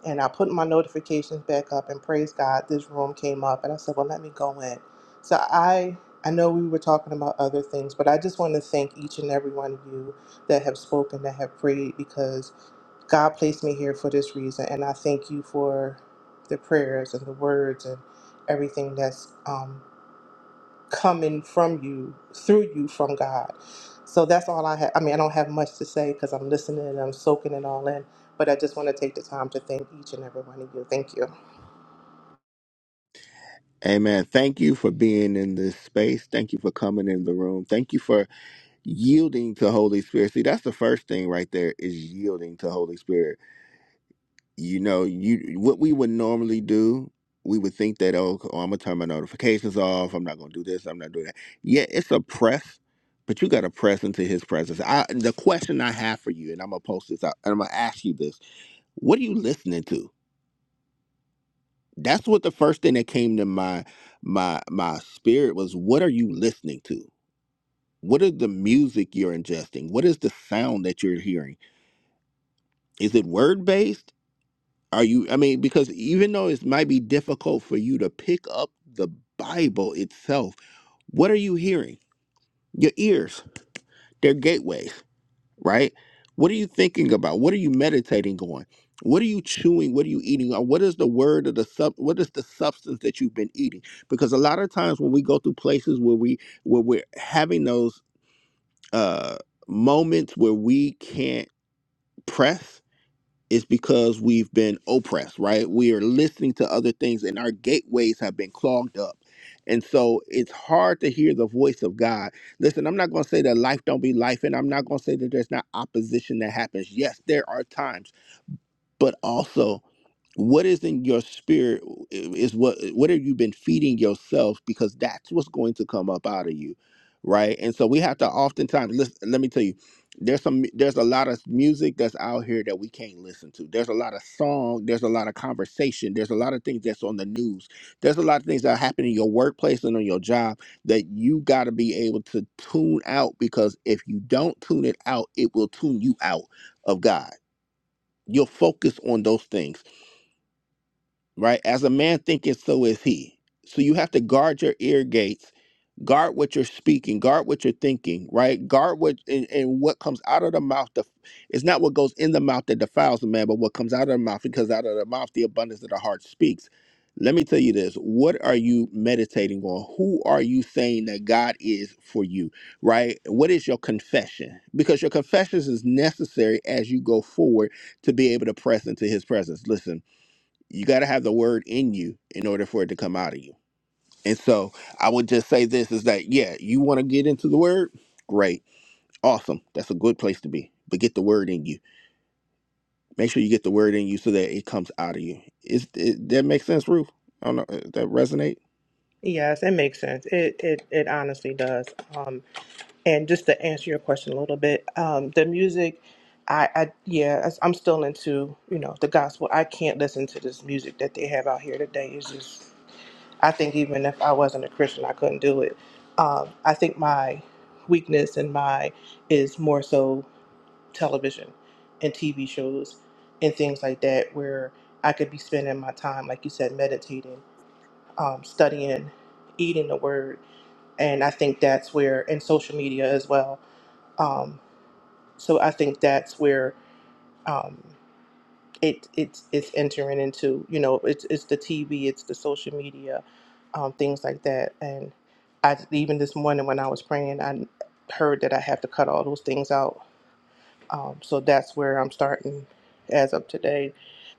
E: And I put my notifications back up, and praise God, this room came up, and I said, well, let me go in. So I. I know we were talking about other things, but I just want to thank each and every one of you that have spoken, that have prayed, because God placed me here for this reason, and I thank you for the prayers and the words and everything that's um, coming from you, through you from God. So that's all I have. I mean, I don't have much to say because I'm listening and I'm soaking it all in, but I just want to take the time to thank each and every one of you. Thank you.
A: Amen. Thank you for being in this space. Thank you for coming in the room. Thank you for yielding to holy spirit see that's the first thing right there is yielding to holy spirit you know you what we would normally do we would think that oh, oh i'm gonna turn my notifications off i'm not gonna do this i'm not doing that yeah it's a press but you gotta press into his presence i the question i have for you and i'm gonna post this out and i'm gonna ask you this what are you listening to that's what the first thing that came to my my my spirit was what are you listening to what is the music you're ingesting what is the sound that you're hearing Is it word based? Are you, I mean, because even though it might be difficult for you to pick up the Bible itself, what are you hearing? Your ears, they're gateways, right? What are you thinking about? What are you meditating on? What are you chewing? What are you eating? Or What is the word of the sub? What is the substance that you've been eating? Because a lot of times when we go through places where we where we're having those uh, moments where we can't press, it's because we've been oppressed, right? We are listening to other things and our gateways have been clogged up. And so it's hard to hear the voice of God. Listen, I'm not going to say that life don't be life and I'm not going to say that there's not opposition that happens. Yes, there are times but also what is in your spirit is what what have you been feeding yourself because that's what's going to come up out of you right and so we have to oftentimes listen let me tell you there's some there's a lot of music that's out here that we can't listen to there's a lot of song there's a lot of conversation there's a lot of things that's on the news there's a lot of things that happen in your workplace and on your job that you got to be able to tune out because if you don't tune it out it will tune you out of god You'll focus on those things, right? As a man thinketh, so is he. So you have to guard your ear gates guard what you're speaking guard what you're thinking right guard what and, and what comes out of the mouth the, it's not what goes in the mouth that defiles a man but what comes out of the mouth because out of the mouth the abundance of the heart speaks let me tell you this what are you meditating on who are you saying that god is for you right what is your confession because your confessions is necessary as you go forward to be able to press into his presence listen you got to have the word in you in order for it to come out of you and so I would just say this is that, yeah, you want to get into the word? Great. Awesome. That's a good place to be. But get the word in you. Make sure you get the word in you so that it comes out of you. Is it, that make sense, Ruth? I don't know. Does that resonate?
E: Yes, it makes sense. It it, it honestly does. Um, And just to answer your question a little bit, um, the music, I, I yeah, I- I'm still into you know the gospel. I can't listen to this music that they have out here today. It's just, I think even if I wasn't a Christian, I couldn't do it. Um, I think my weakness and my is more so television and TV shows and things like that, where I could be spending my time, like you said, meditating, um, studying, eating the Word, and I think that's where and social media as well um, so I think that's where um, it it's it's entering into. You know, it's it's the TV, it's the social media, um, things like that. And I even this morning when I was praying, I heard that I have to cut all those things out. Um, so that's where I'm starting as of today.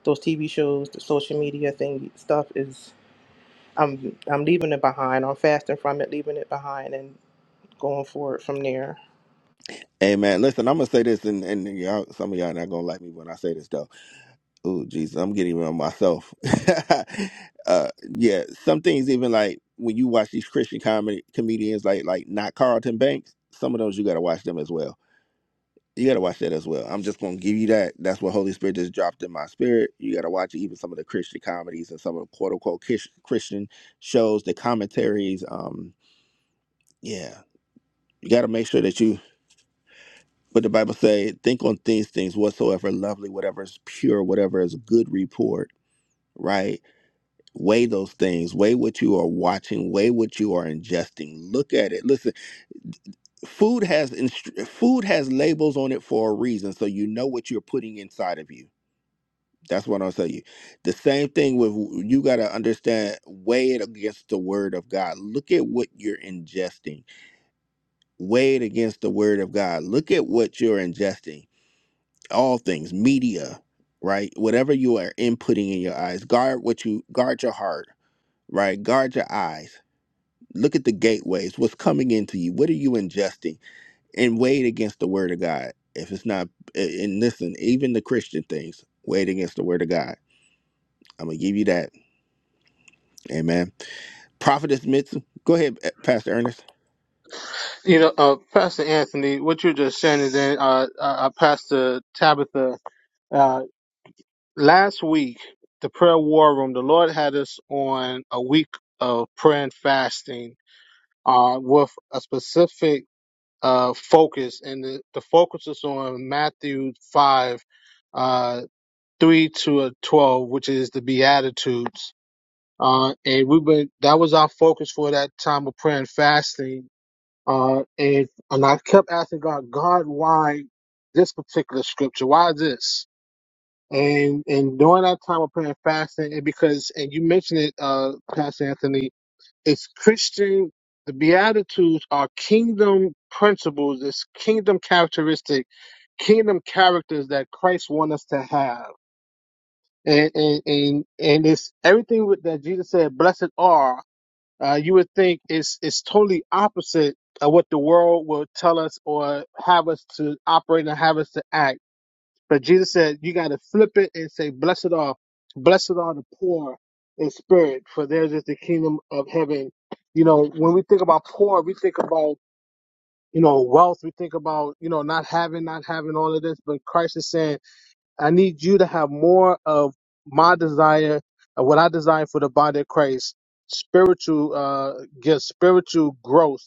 E: Those TV shows, the social media thing stuff is I'm I'm leaving it behind. I'm fasting from it, leaving it behind, and going forward from there.
A: Hey man, listen, I'm gonna say this, and, and y'all, some of y'all not gonna like me when I say this though. Oh Jesus, I'm getting even on myself. uh, yeah, some things even like when you watch these Christian comedy comedians, like like not Carlton Banks. Some of those you gotta watch them as well You gotta watch that as well. I'm just gonna give you that. That's what Holy Spirit just dropped in my spirit. You gotta watch it. even some of the Christian comedies and some of the quote unquote kish- Christian shows, the commentaries. Um, yeah, you gotta make sure that you. But the Bible say, think on these things whatsoever lovely, whatever is pure, whatever is good report. Right? Weigh those things. Weigh what you are watching. Weigh what you are ingesting. Look at it. Listen food has instr- food has labels on it for a reason so you know what you're putting inside of you That's what I'll tell you. The same thing with you got to understand, weigh it against the word of God. Look at what you're ingesting. Weigh it against the word of God. Look at what you're ingesting. All things, media, right? Whatever you are inputting in your eyes, guard what you guard your heart, right? Guard your eyes. Look at the gateways. What's coming into you? What are you ingesting? And weigh it against the word of God. If it's not, and and listen, even the Christian things, weigh it against the word of God. I'm gonna give you that. Amen. Prophetess Mitsu. Go ahead, Pastor Ernest.
D: You know, uh, Pastor Anthony, what you're just saying, and then uh, uh, uh, Pastor Tabitha, uh, last week, the prayer war room, the Lord had us on a week of prayer and fasting uh, with a specific uh, focus, and the, the focus is on Matthew 5 uh, three to a twelve, which is the Beatitudes. Uh, and we've been that was our focus for that time of prayer and fasting. Uh, and and I kept asking God, God, why this particular scripture? Why this? And and during that time of prayer and fasting, and because and you mentioned it, uh, Pastor Anthony, it's Christian. The Beatitudes are kingdom principles. It's kingdom characteristic, kingdom characters that Christ wants us to have and and and, and it's everything with- that Jesus said, "Blessed are." Uh, you would think it's it's totally opposite of what the world will tell us or have us to operate and have us to act. But Jesus said, "You got to flip it and say, blessed are, blessed are the poor in spirit, for theirs is the kingdom of heaven." You know, when we think about poor, we think about you know wealth, we think about you know not having, not having all of this. But Christ is saying. I need you to have more of my desire of what I desire for the body of Christ, spiritual uh gifts, spiritual growth.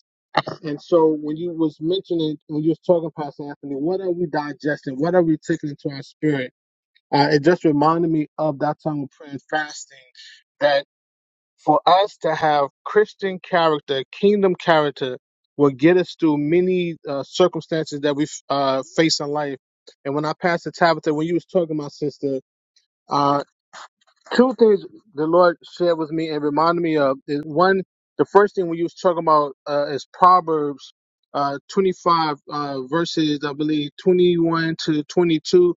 D: And so when you was mentioning when you was talking, Pastor Anthony, what are we digesting? What are we taking into our spirit? Uh, it just reminded me of that time of prayer and fasting that for us to have Christian character, kingdom character, will get us through many uh, circumstances that we uh, face in life. And when I passed to Tabitha, when you was talking, my sister, uh, two things the Lord shared with me and reminded me of is one, the first thing we was talking about uh, is Proverbs uh, 25 uh, verses, I believe, 21 to 22.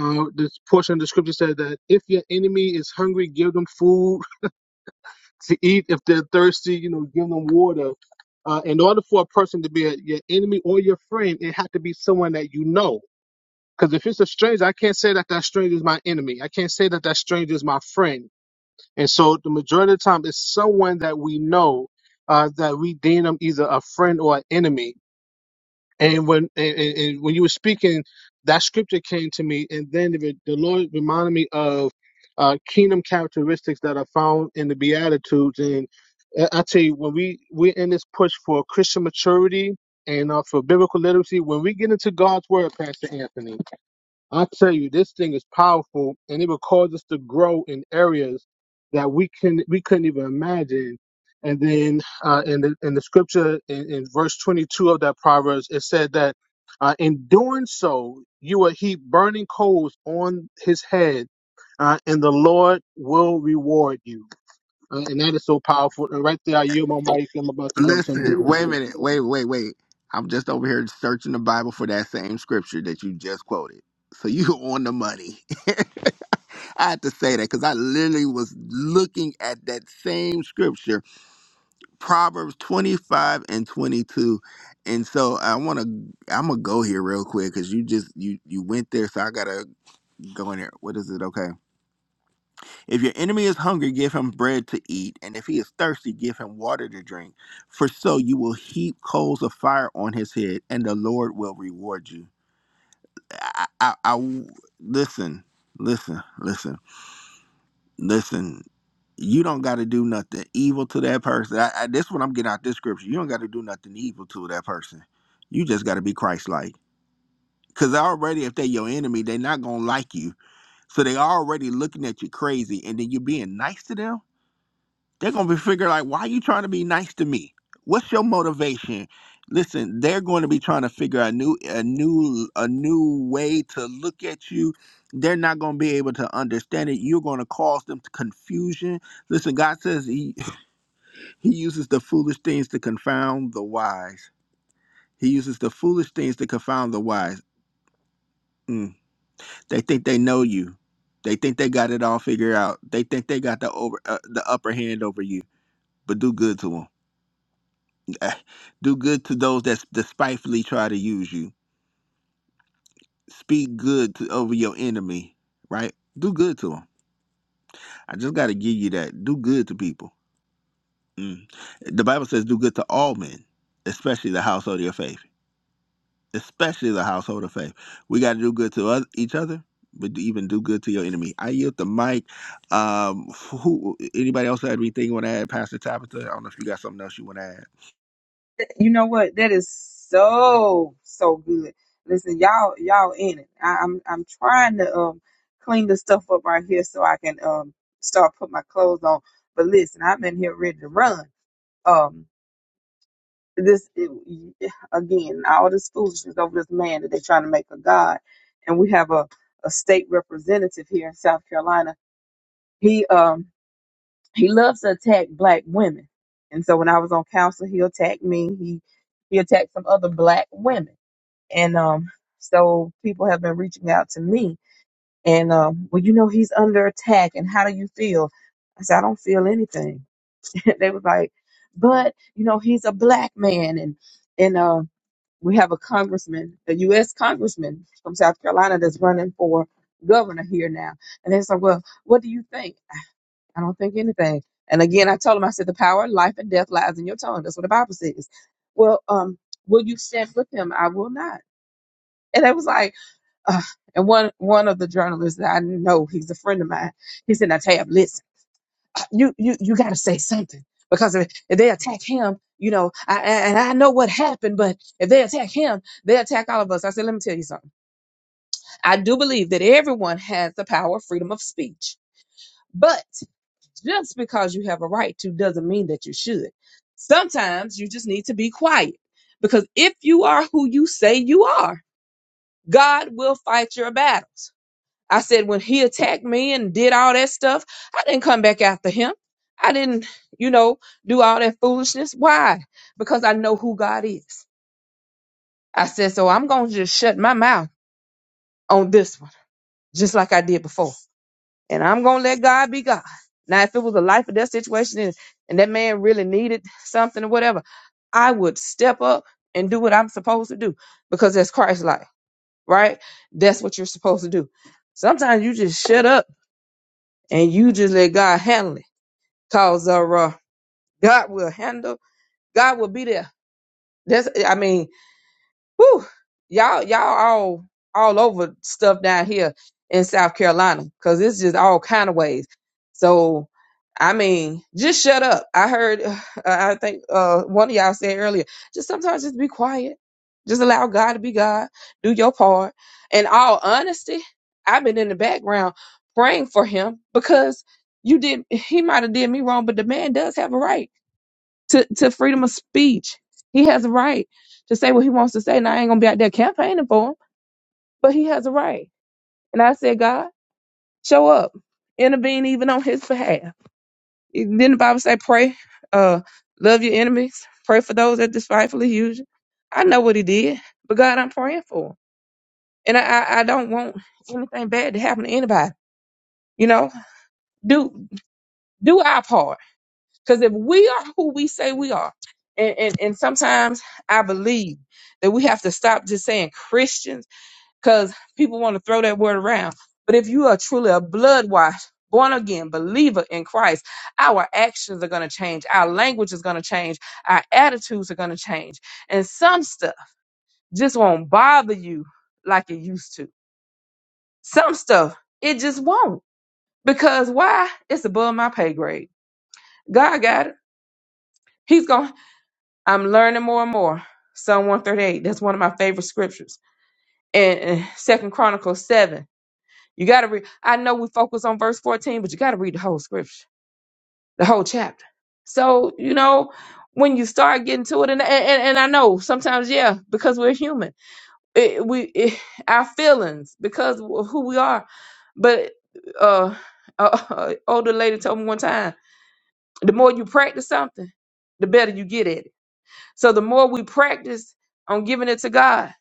D: Uh, this portion of the scripture says that if your enemy is hungry, give them food to eat. If they're thirsty, you know, give them water. Uh, in order for a person to be a, your enemy or your friend, it had to be someone that you know. Because if it's a stranger, I can't say that that stranger is my enemy. I can't say that that stranger is my friend and so the majority of the time, it's someone that we know uh, that we deem them either a friend or an enemy. And when and, and and when you were speaking, that scripture came to me, and then the, the Lord reminded me of uh, kingdom characteristics that are found in the Beatitudes. And I I tell you, when we we're in this push for Christian maturity and uh, for biblical literacy, when we get into God's word, Pastor Anthony. I tell you, this thing is powerful, and it will cause us to grow in areas that we can we couldn't even imagine. And then uh, in the in the scripture in, in verse 22 of that proverbs, it said that uh, in doing so, you will heap burning coals on his head, uh, and the Lord will reward you. Uh, and that is so powerful. And right there, I yield my mic. I'm about to go to
A: Listen,
D: something.
A: wait a minute. Wait, wait, wait. I'm just over here searching the Bible for that same scripture that you just quoted. So you on the money. I had to say that because I literally was looking at that same scripture, Proverbs 25 and 22. And so I want to, I'm gonna go here real quick because you just you you went there, so I gotta go in there. What is it? Okay. If your enemy is hungry, give him bread to eat, and if he is thirsty, give him water to drink. For so you will heap coals of fire on his head, and the Lord will reward you. I I, I listen, listen, listen, listen. You don't got to do nothing evil to that person. I, I, this is what I'm getting out this scripture. You don't got to do nothing evil to that person. You just got to be Christ-like. Cause already, if they're your enemy, they're not gonna like you. So they already looking at you crazy, and then you being nice to them they're gonna be figuring like, why are you trying to be nice to me? What's your motivation? Listen, they're going to be trying to figure out a new, a new, a new way to look at you. They're not going to be able to understand it. You're going to cause them to confusion. Listen, God says He He uses the foolish things to confound the wise. He uses the foolish things to confound the wise. Mm. They think they know you. They think they got it all figured out. They think they got the over uh, the upper hand over you. But do good to them Eh, Do good to those that despitefully try to use you. Speak good to, over your enemy, right? Do good to them. I just got to give you that. Do good to people. Mm. The Bible says do good to all men, especially the household of your faith. Especially the household of faith. We got to do good to oth- each other, but even do good to your enemy. I yield the mic. Um, who? Anybody else had anything you want to add, Pastor Tabitha? I don't know if you got something else you want to add.
C: You know what? That is so so good. Listen, y'all y'all in it. I, I'm I'm trying to um clean the stuff up right here so I can um start putting my clothes on. But listen, I'm in here ready to run. Um, this it, again, all this foolishness over this man that they're trying to make a god, and we have a a state representative here in South Carolina. He um he loves to attack black women. And so when I was on council, he attacked me. He he attacked some other black women. And um so people have been reaching out to me and um, well, you know, he's under attack and how do you feel? I said, I don't feel anything. they was like, but you know, he's a black man and and uh we have a congressman, a US congressman from South Carolina that's running for governor here now. And they said, Well, what do you think? I don't think anything. And again, I told him, I said, the power of life and death lies in your tongue. That's what the Bible says. Well, um, will you stand with him? I will not. And I was like, uh, and one one of the journalists that I know, he's a friend of mine. He said, "Now, Tab, listen, you you you got to say something because if, if they attack him, you know, I, I- and I know what happened, but if they attack him, they attack all of us." I said, "Let me tell you something. I do believe that everyone has the power of freedom of speech, but." Just because you have a right to doesn't mean that you should. Sometimes you just need to be quiet because if you are who you say you are, God will fight your battles. I said when he attacked me and did all that stuff, I didn't come back after him. I didn't, you know, do all that foolishness. Why? Because I know who God is. I said, so I'm going to just shut my mouth on this one, just like I did before. and I'm gonna let God be God. Now, if it was a life or death situation and, and that man really needed something or whatever, I would step up and do what I'm supposed to do because that's Christ like, right? That's what you're supposed to do. Sometimes you just shut up and you just let God handle it. Cause uh, uh, God will handle, God will be there. That's I mean, Whew, y'all, y'all all all over stuff down here in South Carolina because it's just all kind of ways. So, I mean, just shut up. I heard, uh, I think uh, one of y'all said earlier, just sometimes just be quiet. Just allow God to be God. Do your part. In all honesty, I've been in the background praying for him because you did. He might have did me wrong, but the man does have a right to, to freedom of speech. He has a right to say what he wants to say. And I ain't gonna be out there campaigning for him, but he has a right. And I said, God, show up, intervene even on his behalf. Then the Bible say, pray, uh, love your enemies, pray for those that despitefully use you. I know what he did, but God, I'm praying for him. And I, I, I don't want anything bad to happen to anybody. You know, do do our part Because if we are who we say we are, and, and, and sometimes I believe that we have to stop just saying Christians because people want to throw that word around. But if you are truly a blood washed, born again believer in Christ, our actions are going to change. Our language is going to change. Our attitudes are going to change. And some stuff just won't bother you like it used to. Some stuff, it just won't. Because why? It's above my pay grade. God got it. He's going to I'm learning more and more. Psalm 138. That's one of my favorite scriptures. And, and Second Chronicles 7. You gotta read. I know we focus on verse 14, but you gotta read the whole scripture, the whole chapter. So, you know, when you start getting to it, and and, and I know sometimes, yeah, because we're human. It, we it, our feelings because of who we are. But uh, uh older lady told me one time, the more you practice something, the better you get at it So the more we practice on giving it to God,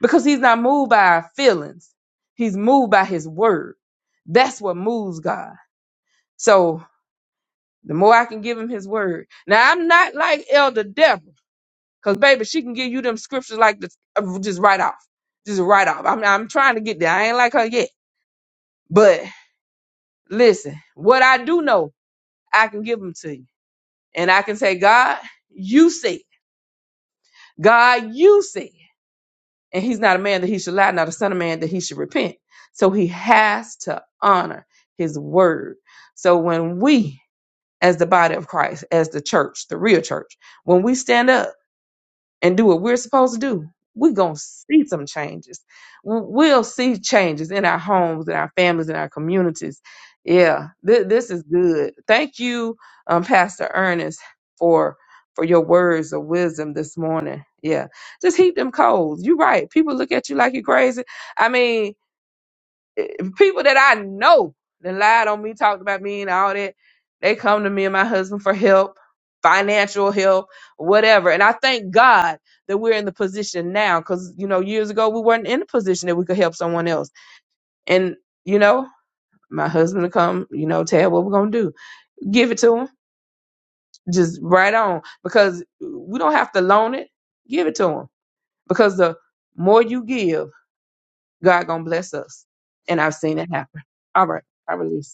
C: because He's not moved by our feelings, He's moved by His word. That's what moves God. So the more I can give Him His word. Now I'm not like Elder Deborah, because baby, she can give you them scriptures like this, uh, just right off, just right off. I'm I'm trying to get there. I ain't like her yet, but listen, what I do know, I can give them to you, and I can say, God, you said, God, you said. and he's not a man that he should lie, not a son of man that he should repent. So he has to honor his word. So when we, as the body of Christ, as the church, the real church, when we stand up and do what we're supposed to do, we're going to see some changes. W- We'll see changes in our homes, in our families, in our communities. Yeah, th- this is good. Thank you, um, Pastor Ernest, for for your words of wisdom this morning. Yeah, just heap them coals. You're right. People look at you like you're crazy. I mean, eh, people that I know that lied on me, talked about me and all that, they come to me and my husband for help, financial help, whatever. And I thank God that we're in the position now because, you know, years ago we weren't in the position that we could help someone else. And, you know, my husband will come, you know, tell what we're going to do. Give it to him. Just right on because we don't have to loan it. Give it to him because the more you give, God going to bless us. And I've seen it happen. All right. I release.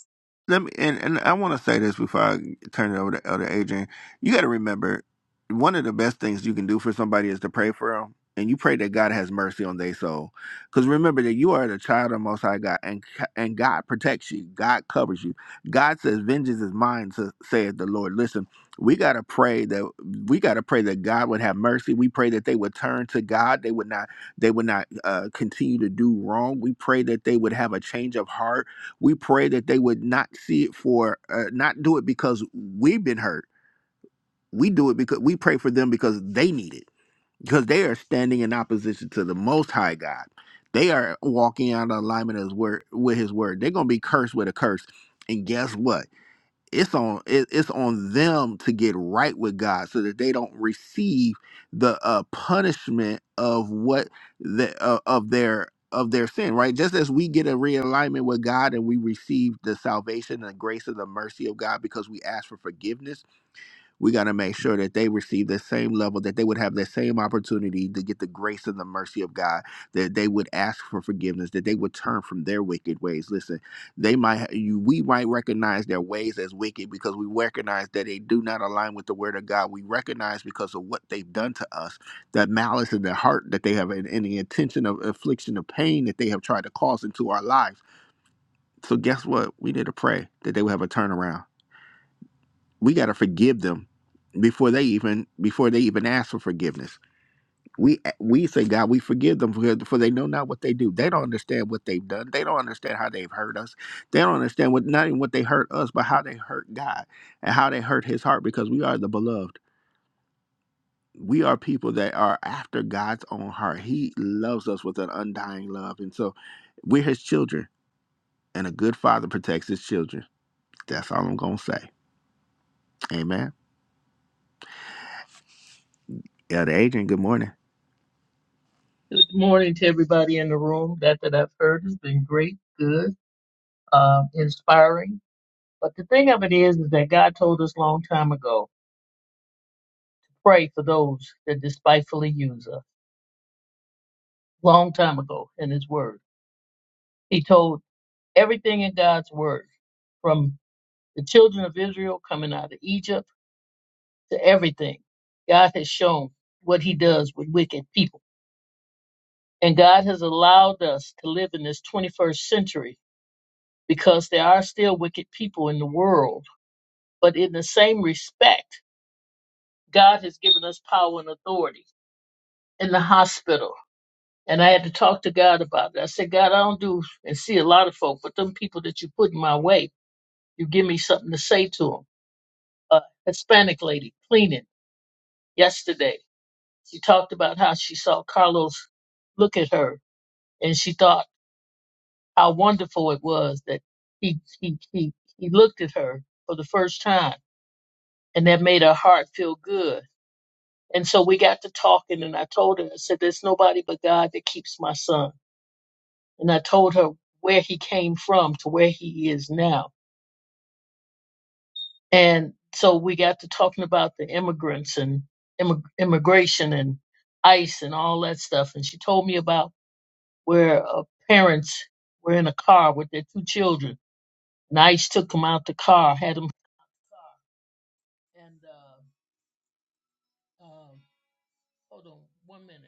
A: let me and, and I want to say this before I turn it over to Elder Adrian. You got to remember, one of the best things you can do for somebody is to pray for them, and you pray that God has mercy on their soul. Because remember that you are the child of the Most High God, and and God protects you. God covers you. God says, "Vengeance is mine," to saith the Lord. Listen, we got to pray that we got to pray that God would have mercy. We pray that they would turn to God. They would not. They would not uh, continue to do wrong. We pray that they would have a change of heart we pray that they would not see it for, uh, not do it because we've been hurt. We do it because we pray for them because they need it, because they are standing in opposition to the Most High God. They are walking out of alignment as word, with His word. They're going to be cursed with a curse. And guess what? it's on it, it's on them to get right with God so that they don't receive the uh, punishment of what the uh, of their of their sin right just as we get a realignment with God and we receive the salvation and grace and the mercy of God because we ask for forgiveness we got to make sure that they receive the same level, that they would have the same opportunity to get the grace and the mercy of God, that they would ask for forgiveness, that they would turn from their wicked ways. Listen, they might, ha- you, we might recognize their ways as wicked because we recognize that they do not align with the word of God. We recognize because of what they've done to us, that malice in their heart that they have, and, and the intention of affliction of pain that they have tried to cause into our lives. So guess what? We need to pray that they will have a turnaround we got to forgive them before they even before they even ask for forgiveness. We we say God, we forgive them for, for they know not what they do. They don't understand what they've done. They don't understand how they've hurt us. They don't understand what not even what they hurt us, but how they hurt God and how they hurt His heart because we are the beloved. We are people that are after God's own heart. He loves us with an undying love, and so we're His children. And a good father protects his children. That's all I'm gonna say. Amen. Elder Adrian, good morning.
F: Good morning to everybody in the room. That that I've heard has been great, good, um, inspiring. But the thing of it is, is that God told us long time ago, pray for those that despitefully use us. Long time ago in His Word, He told everything in God's Word, from the children of Israel coming out of Egypt to everything. God has shown what He does with wicked people, and God has allowed us to live in this 21st century because there are still wicked people in the world But in the same respect, God has given us power and authority in the hospital. And I had to talk to God about it. I said, God, I don't do and see a lot of folk, but them people that you put in my way, you give me something to say to them. A Hispanic lady cleaning yesterday, she talked about how she saw Carlos look at her and she thought how wonderful it was that he, he, he, he looked at her for the first time and that made her heart feel good And so we got to talking, and I told her, I said, There's nobody but God that keeps my son. And I told her where he came from to where he is now. And so we got to talking about the immigrants and immig- immigration and ICE and all that stuff. And she told me about where uh, parents were in a car with their two children, and ICE took them out the car, had them and uh, um hold on one minute.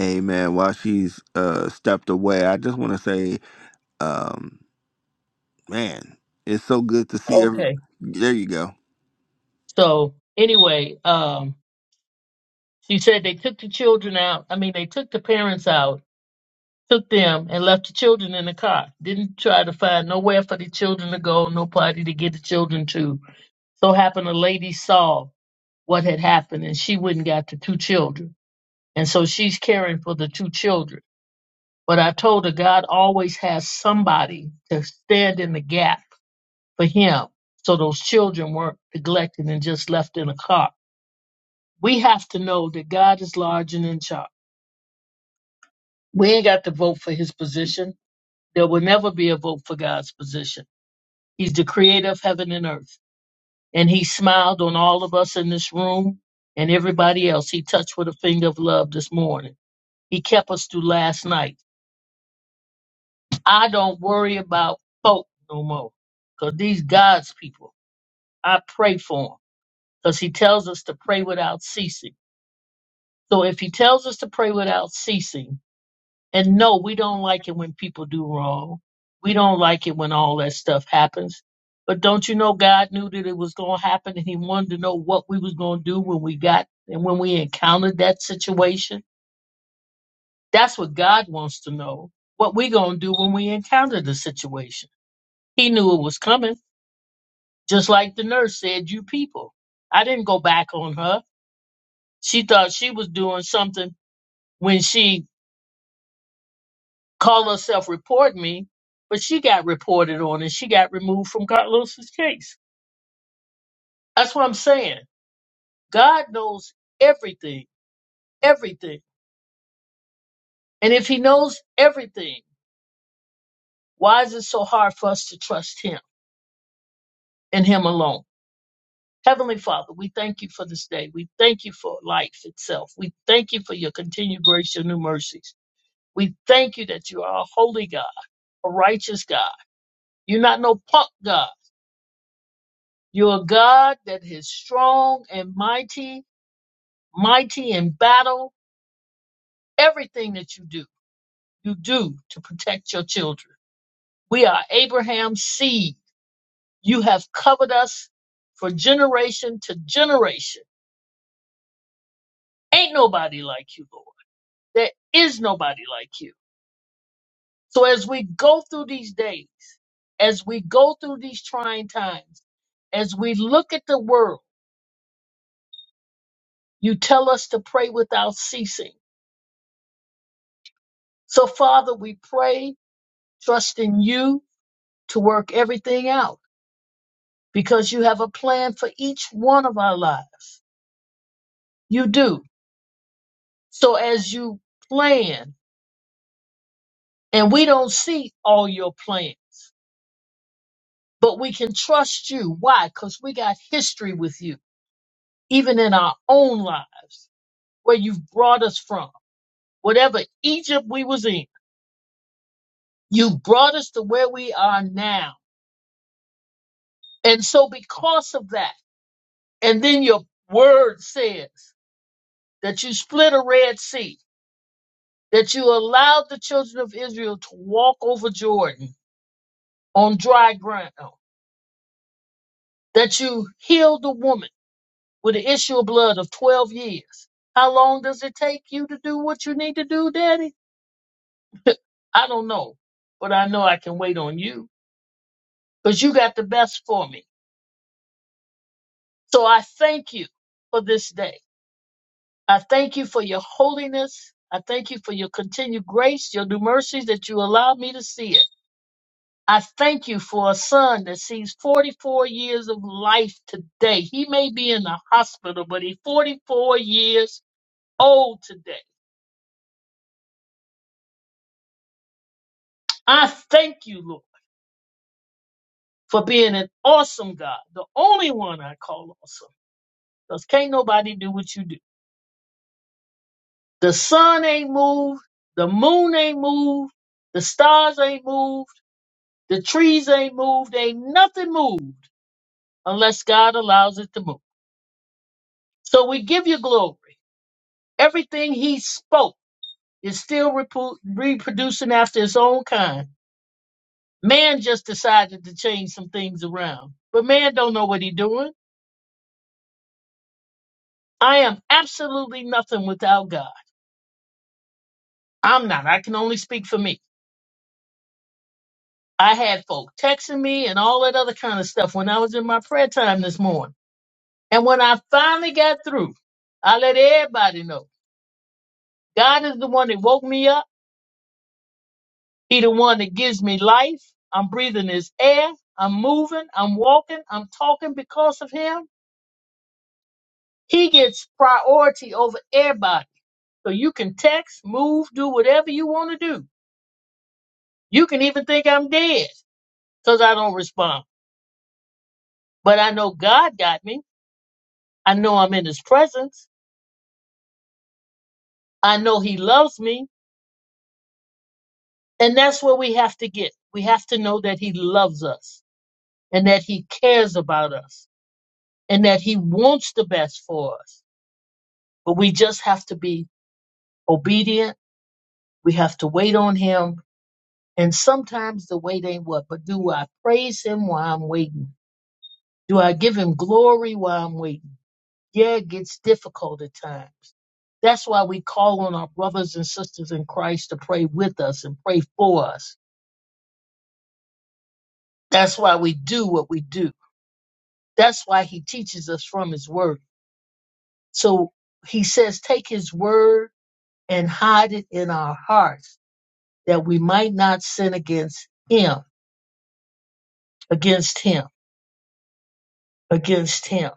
A: Amen. While she's uh, stepped away, I just want to say, um, man, it's so good to see every.
F: Okay.
A: There you go.
F: So anyway, um, She said they took the children out. I mean, they took the parents out, took them, and left the children in the car. Didn't try to find nowhere for the children to go, no party to get the children to. So happened a lady saw what had happened, and she went and got the two children, and so she's caring for the two children. But I told her God always has somebody to stand in the gap for Him, so those children weren't neglected and just left in a car. We have to know that God is large and in charge. We ain't got to vote for his position. There will never be a vote for God's position. He's the creator of heaven and earth. And he smiled on all of us in this room and everybody else he touched with a finger of love this morning. He kept us through last night. I don't worry about folk no more because these God's people, I pray for them because he tells us to pray without ceasing. So if he tells us to pray without ceasing, And no, we don't like it when people do wrong. We don't like it when all that stuff happens. But don't you know God knew that it was going to happen and he wanted to know what we was going to do when we got and when we encountered that situation? That's what God wants to know. What we going to do when we encounter the situation. He knew it was coming, just like the nurse said, you people. I didn't go back on her. She thought she was doing something when she call herself report me, but she got reported on and she got removed from Carlos's case. That's what I'm saying. God knows everything, everything. And if he knows everything, why is it so hard for us to trust him and him alone? Heavenly Father, we thank you for this day. We thank you for life itself. We thank you for your continued grace your new mercies. We thank you that you are a holy God, a righteous God. You're not no punk God. You're a God that is strong and mighty mighty in battle. Everything that you do, you do to protect your children. We are Abraham's seed. You have covered us for generation to generation. Ain't nobody like you, Lord. There is nobody like you. So as we go through these days, as we go through these trying times, as we look at the world, you tell us to pray without ceasing. So Father, we pray, trusting you to work everything out. because you have a plan for each one of our lives. You do. So as you plan, and we don't see all your plans, but we can trust you. Why? Because we got history with you, even in our own lives, where you've brought us from. Whatever Egypt we was in, you brought us to where we are now. And so because of that, and then your word says that you split a Red Sea that you allowed the children of Israel to walk over Jordan on dry ground, that you healed the woman with the issue of blood of 12 years. How long does it take you to do what you need to do, Daddy? I don't know, but I know I can wait on you because you got the best for me. So I thank you for this day. I thank you for your holiness. I thank you for your continued grace, your new mercies that you allow me to see it. I thank you for a son that sees 44 years of life today. He may be in the hospital, but he's 44 years old today. I thank you, Lord, for being an awesome God, the only one I call awesome. Because can't nobody do what you do. The sun ain't moved, the moon ain't moved, the stars ain't moved, the trees ain't moved, ain't nothing moved unless God allows it to move. So we give you glory. Everything he spoke. Is still repu- reproducing after its own kind. Man just decided to change some things around, but man don't know what he doing. I am absolutely nothing without God. I'm not. I can only speak for me. I had folk texting me and all that other kind of stuff when I was in my prayer time this morning. And when I finally got through, I let everybody know God is the one that woke me up. He the one that gives me life. I'm breathing his air. I'm moving. I'm walking. I'm talking because of him. He gets priority over everybody. So you can text, move, do whatever you want to do. You can even think I'm dead because I don't respond. But I know God got me. I know I'm in his presence. I know he loves me. And that's where we have to get. We have to know that he loves us and that he cares about us and that he wants the best for us. But we just have to be obedient. We have to wait on him And sometimes the wait ain't what, but do I praise him while I'm waiting? Do I give him glory while I'm waiting? Yeah, it gets difficult at times. That's why we call on our brothers and sisters in Christ to pray with us and pray for us. That's why we do what we do. That's why he teaches us from his word. So he says, take his word and hide it in our hearts that we might not sin against him, against him, against him.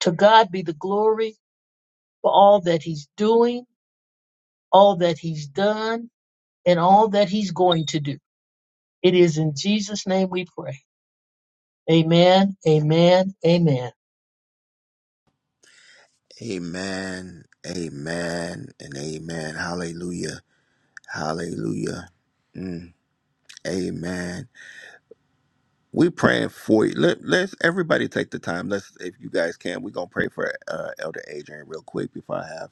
F: To God be the glory for all that he's doing, all that he's done, and all that he's going to do. It is in Jesus' name we pray. Amen, amen, amen.
A: Amen. Amen. And amen. Hallelujah. Hallelujah. Mm, amen. We praying for you. Let, let's everybody take the time. Let's, if you guys can, we're gonna pray for uh, Elder Adrian real quick before I have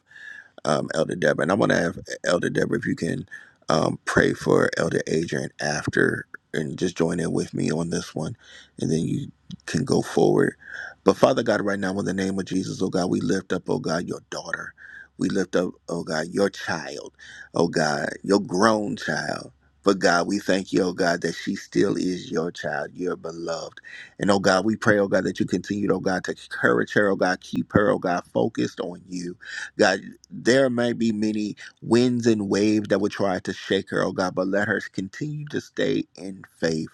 A: um, Elder Deborah. And I want to have Elder Deborah, if you can um, pray for Elder Adrian after and just join in with me on this one, and then you can go forward. But Father God, right now, in the name of Jesus, oh God, we lift up, oh God, your daughter. We lift up, oh God, your child, oh God, your grown child. But God, we thank you, oh God, that she still is your child, your beloved. And oh God, we pray, oh God, that you continue, oh God, to encourage her, oh God, keep her, oh God, focused on you. God, there may be many winds and waves that would try to shake her, oh God, but let her continue to stay in faith.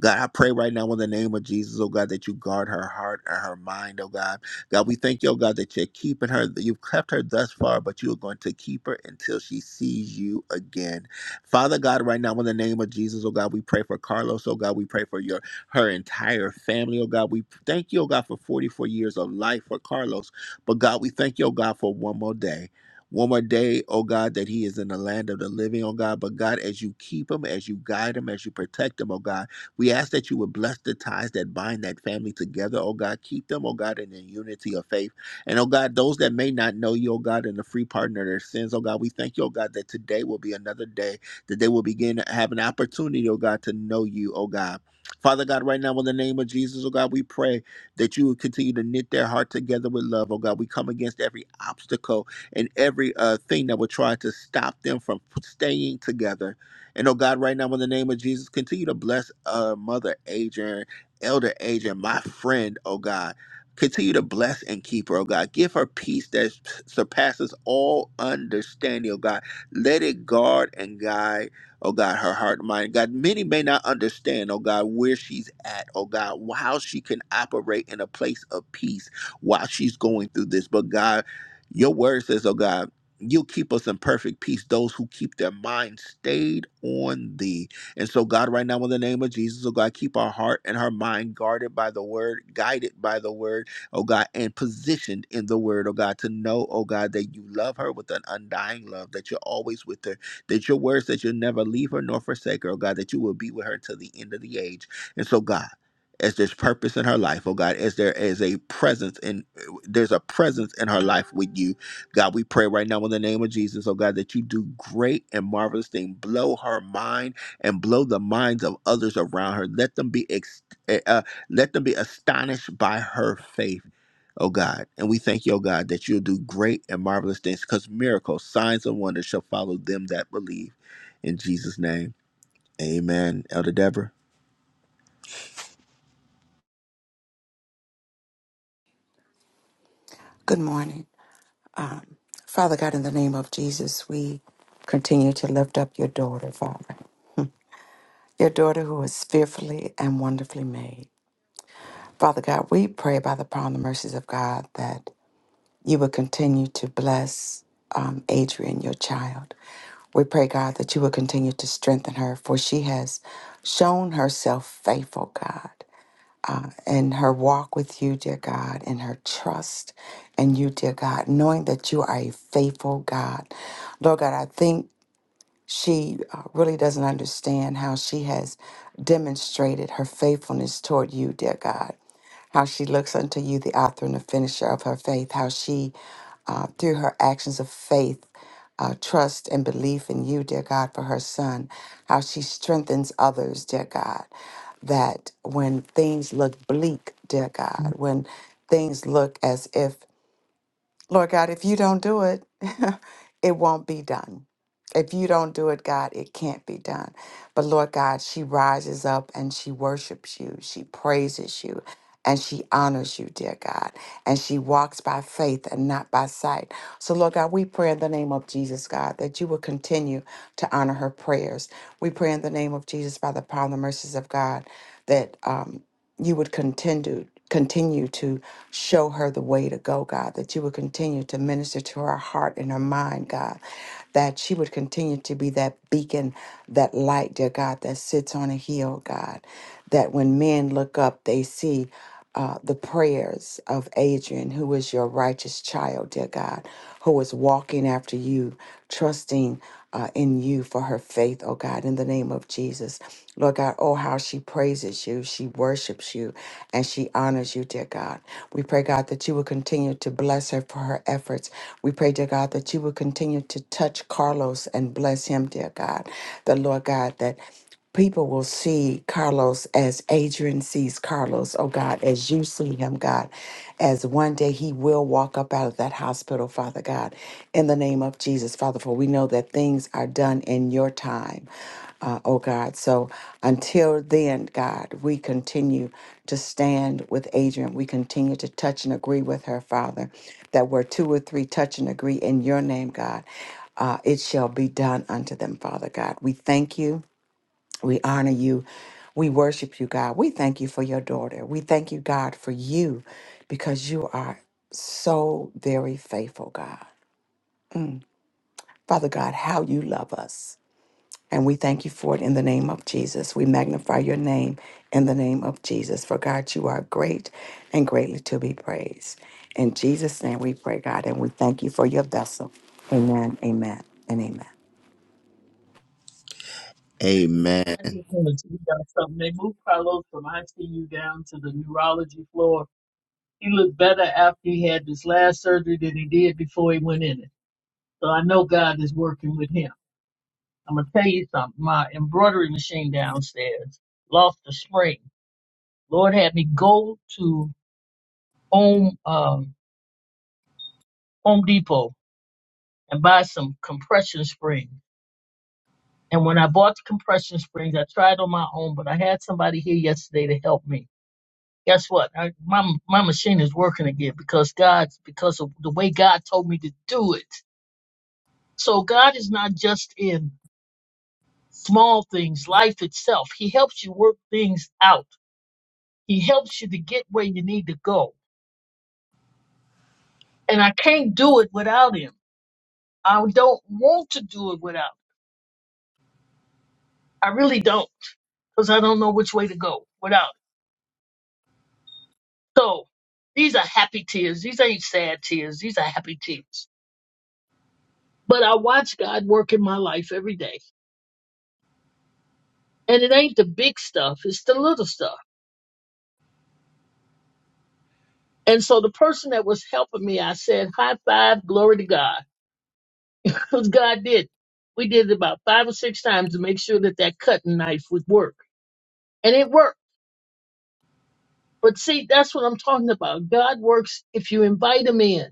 A: God, I pray right now in the name of Jesus, oh God, that you guard her heart and her mind, oh God. God, we thank you, oh God, that you're keeping her. that You've kept her thus far, but you are going to keep her until she sees you again. Father God, right now in the name of Jesus, oh God, we pray for Carlos, oh God, we pray for your her entire family, oh God. We thank you, oh God, for 44 years of life for Carlos. But God, we thank you, oh God, for one more day. One more day, oh God, that he is in the land of the living, oh God. But God, as you keep him, as you guide him, as you protect him, oh God, we ask that you would bless the ties that bind that family together, oh God. Keep them, oh God, in the unity of faith. And oh God, those that may not know you, oh God, in the free pardon of their sins, oh God, we thank you, oh God, that today will be another day that they will begin to have an opportunity, oh God, to know you, oh God. Father God, right now in the name of Jesus, oh God, we pray that you would continue to knit their heart together with love. Oh God, we come against every obstacle and every uh, thing that would try to stop them from staying together. And oh God, right now in the name of Jesus, continue to bless uh, Mother Adrian, Elder Adrian, my friend, oh God. Continue to bless and keep her, oh God. Give her peace that surpasses all understanding, oh God. Let it guard and guide Oh God, her heart and mind. God, many may not understand, oh God, where she's at, oh God, how she can operate in a place of peace while she's going through this. But God, your word says, oh God, you'll keep us in perfect peace, those who keep their mind stayed on thee. And so, God, right now, in the name of Jesus, oh God, keep our heart and her mind guarded by the word, guided by the word, oh God, and positioned in the word, oh God, to know, oh God, that you love her with an undying love, that you're always with her that your words that you'll never leave her nor forsake her, oh God, that you will be with her until the end of the age. And so, God, as there's purpose in her life, oh God, as there is a presence in there's a presence in her life with you. God, we pray right now in the name of Jesus, oh God, that you do great and marvelous thing. Blow her mind and blow the minds of others around her. Let them be ex- eh, uh, let them be astonished by her faith oh God. And we thank you, oh God, that you'll do great and marvelous things because miracles, signs, and wonders shall follow them that believe. In Jesus' name, amen. Elder Deborah.
G: Good morning. Um, Father God, in the name of Jesus, we continue to lift up your daughter, Father, your daughter who is fearfully and wonderfully made. Father God, we pray by the power and the mercies of God that you will continue to bless um, Adrian, your child. We pray, God, that you will continue to strengthen her, for she has shown herself faithful, God. and her walk with you, dear God, and her trust in you, dear God, knowing that you are a faithful God. Lord God, I think she uh, really doesn't understand how she has demonstrated her faithfulness toward you, dear God. How she looks unto you, the author and the finisher of her faith. How she, uh, through her actions of faith, uh, trust and belief in you, dear God, for her son. How she strengthens others, dear God. That when things look bleak, dear God, when things look as if Lord God, if you don't do it, it won't be done. If you don't do it, God, it can't be done. But Lord God, she rises up and she worships you, she praises you, and she honors you, dear God. And she walks by faith and not by sight. So, Lord God, we pray in the name of Jesus, God, that you will continue to honor her prayers. We pray in the name of Jesus by the power and the mercies of God that. Um, you would continue continue to show her the way to go, God, that you would continue to minister to her heart and her mind, God, that she would continue to be that beacon, that light, dear God, that sits on a hill, God, that when men look up, they see uh, the prayers of Adrian, who is your righteous child, dear God, who is walking after you, trusting uh, in you for her faith, oh God, in the name of Jesus. Lord God, oh, how she praises you, she worships you, and she honors you, dear God. We pray, God, that you will continue to bless her for her efforts. We pray, dear God, that you will continue to touch Carlos and bless him, dear God. The Lord God, that people will see Carlos as Adrian sees Carlos, oh God, as you see him, God, as one day he will walk up out of that hospital, Father God, in the name of Jesus, Father, for we know that things are done in your time. Uh, oh God, so until then, God, we continue to stand with Adrian. We continue to touch and agree with her, Father, that where two or three touch and agree in your name, God, uh, it shall be done unto them, Father God. We thank you. We honor you. We worship you, God. We thank you for your daughter. We thank you, God, for you because you are so very faithful, God. Father God, how you love us. And we thank you for it in the name of Jesus. We magnify your name in the name of Jesus. For God, you are great and greatly to be praised. In Jesus' name we pray, God, and we thank you for your vessel. Amen, amen, and amen.
A: Amen.
F: I just wanted to tell you something. They moved Carlos from ICU down to the neurology floor. He looked better after he had this last surgery than he did before he went in it. So I know God is working with him. I'm gonna tell you something. My embroidery machine downstairs lost a spring. Lord had me go to Home um, Home Depot and buy some compression spring. And when I bought the compression springs, I tried on my own, but I had somebody here yesterday to help me. Guess what? I, my my machine is working again because God, because of the way God told me to do it. So God is not just in small things, life itself. He helps you work things out. He helps you to get where you need to go. And I can't do it without Him. I don't want to do it without. I really don't, because I don't know which way to go without. So these are happy tears. These ain't sad tears. These are happy tears. But I watch God work in my life every day. And it ain't the big stuff, it's the little stuff. And so the person that was helping me, I said, high five, glory to God. Because God did. We did it about five or six times to make sure that that cutting knife would work. And it worked. But see, that's what I'm talking about. God works if you invite him in.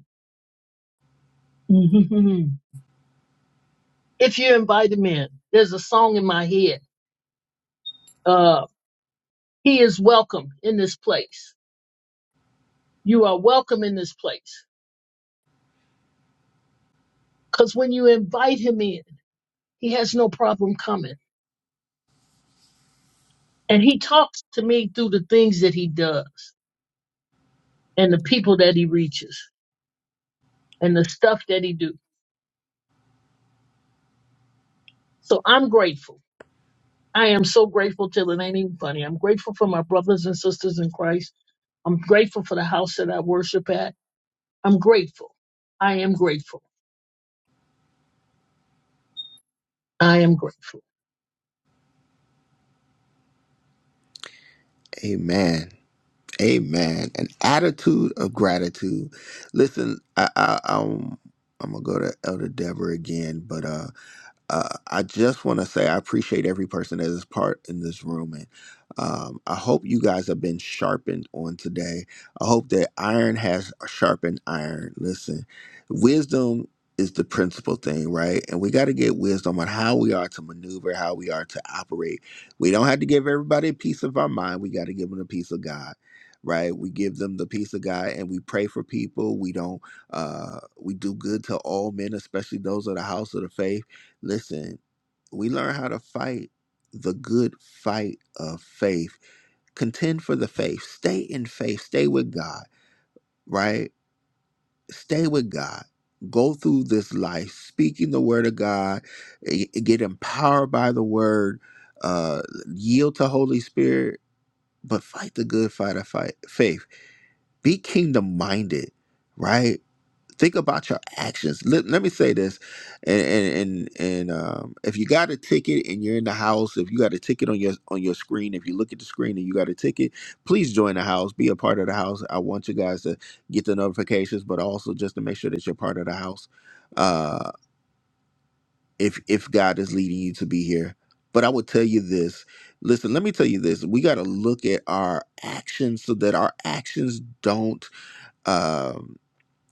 F: if you invite him in. There's a song in my head. Uh, He is welcome in this place. You are welcome in this place. Because when you invite him in, he has no problem coming. And he talks to me through the things that he does and the people that he reaches and the stuff that he do. So I'm grateful. I am so grateful till it ain't even funny. I'm grateful for my brothers and sisters in Christ. I'm grateful for the house that I worship at. I'm grateful. I am grateful. I am grateful.
A: Amen. Amen. An attitude of gratitude. Listen, I, I, I'm, I'm gonna go to Elder Deborah again, but uh, uh, I just want to say I appreciate every person that is part in this room, and um, I hope you guys have been sharpened on today. I hope that iron has sharpened iron. Listen, wisdom is the principal thing, right? And we got to get wisdom on how we are to maneuver, how we are to operate. We don't have to give everybody a piece of our mind. We got to give them a piece of God. Right, we give them the peace of God, and we pray for people. We don't. Uh, we do good to all men, especially those of the house of the faith Listen, we learn how to fight the good fight of faith. Contend for the faith. Stay in faith. Stay with God, right? Stay with God. Go through this life speaking the word of God, eh, get empowered by the word, uh, yield to Holy Spirit, but fight the good fight of fight, faith. Be kingdom minded, right? think about your actions let, let me say this and and and, and um, if you got a ticket and you're in the house if you got a ticket on your on your screen if you look at the screen and you got a ticket please join the house be a part of the house i want you guys to get the notifications but also just to make sure that you're part of the house uh if if god is leading you to be here but i would tell you this listen let me tell you this we got to look at our actions so that our actions don't Um,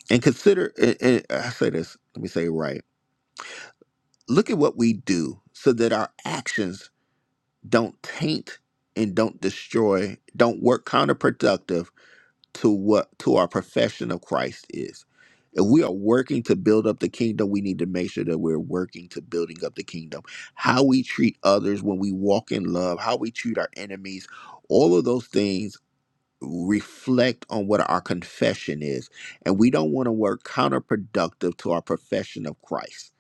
A: and consider, and, and I say this, let me say it right. Look at what we do so that our actions don't taint and don't destroy, don't work counterproductive to what to our profession of Christ is. If we are working to build up the kingdom, we need to make sure that we're working to building up the kingdom. How we treat others when we walk in love, how we treat our enemies, all of those things reflect on what our confession is. And we don't want to work counterproductive to our profession of Christ,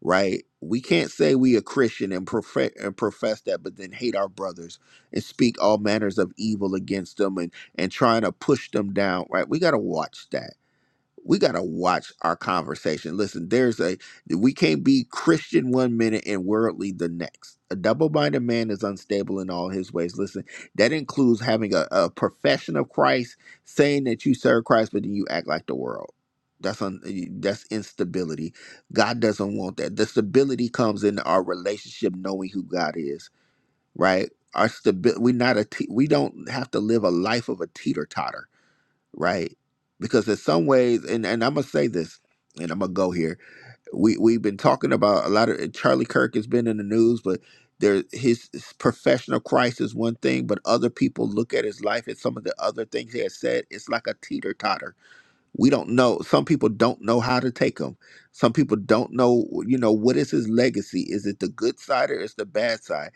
A: right? We can't say we a Christian and, profe- and profess that, but then hate our brothers and speak all manners of evil against them and, and trying to push them down, right? We got to watch that we got to watch our conversation. Listen, there's a we can't be Christian one minute and worldly the next. A double-minded man is unstable in all his ways. Listen, that includes having a, a profession of Christ, saying that you serve Christ, but then you act like the world. That's un, that's instability. God doesn't want that. The stability comes in our relationship, knowing who God is. Right? Our stability. we not a. Te- we don't have to live a life of a teeter totter right? Because in some ways, and, and I'm gonna say this, and I'm gonna go here. We we've been talking about a lot of Charlie Kirk has been in the news, but there his, his professional Christ is one thing, but other people look at his life and some of the other things he has said. It's like a teeter totter. We don't know. Some people don't know how to take him. Some people don't know. You know what is his legacy? Is it the good side or is the bad side?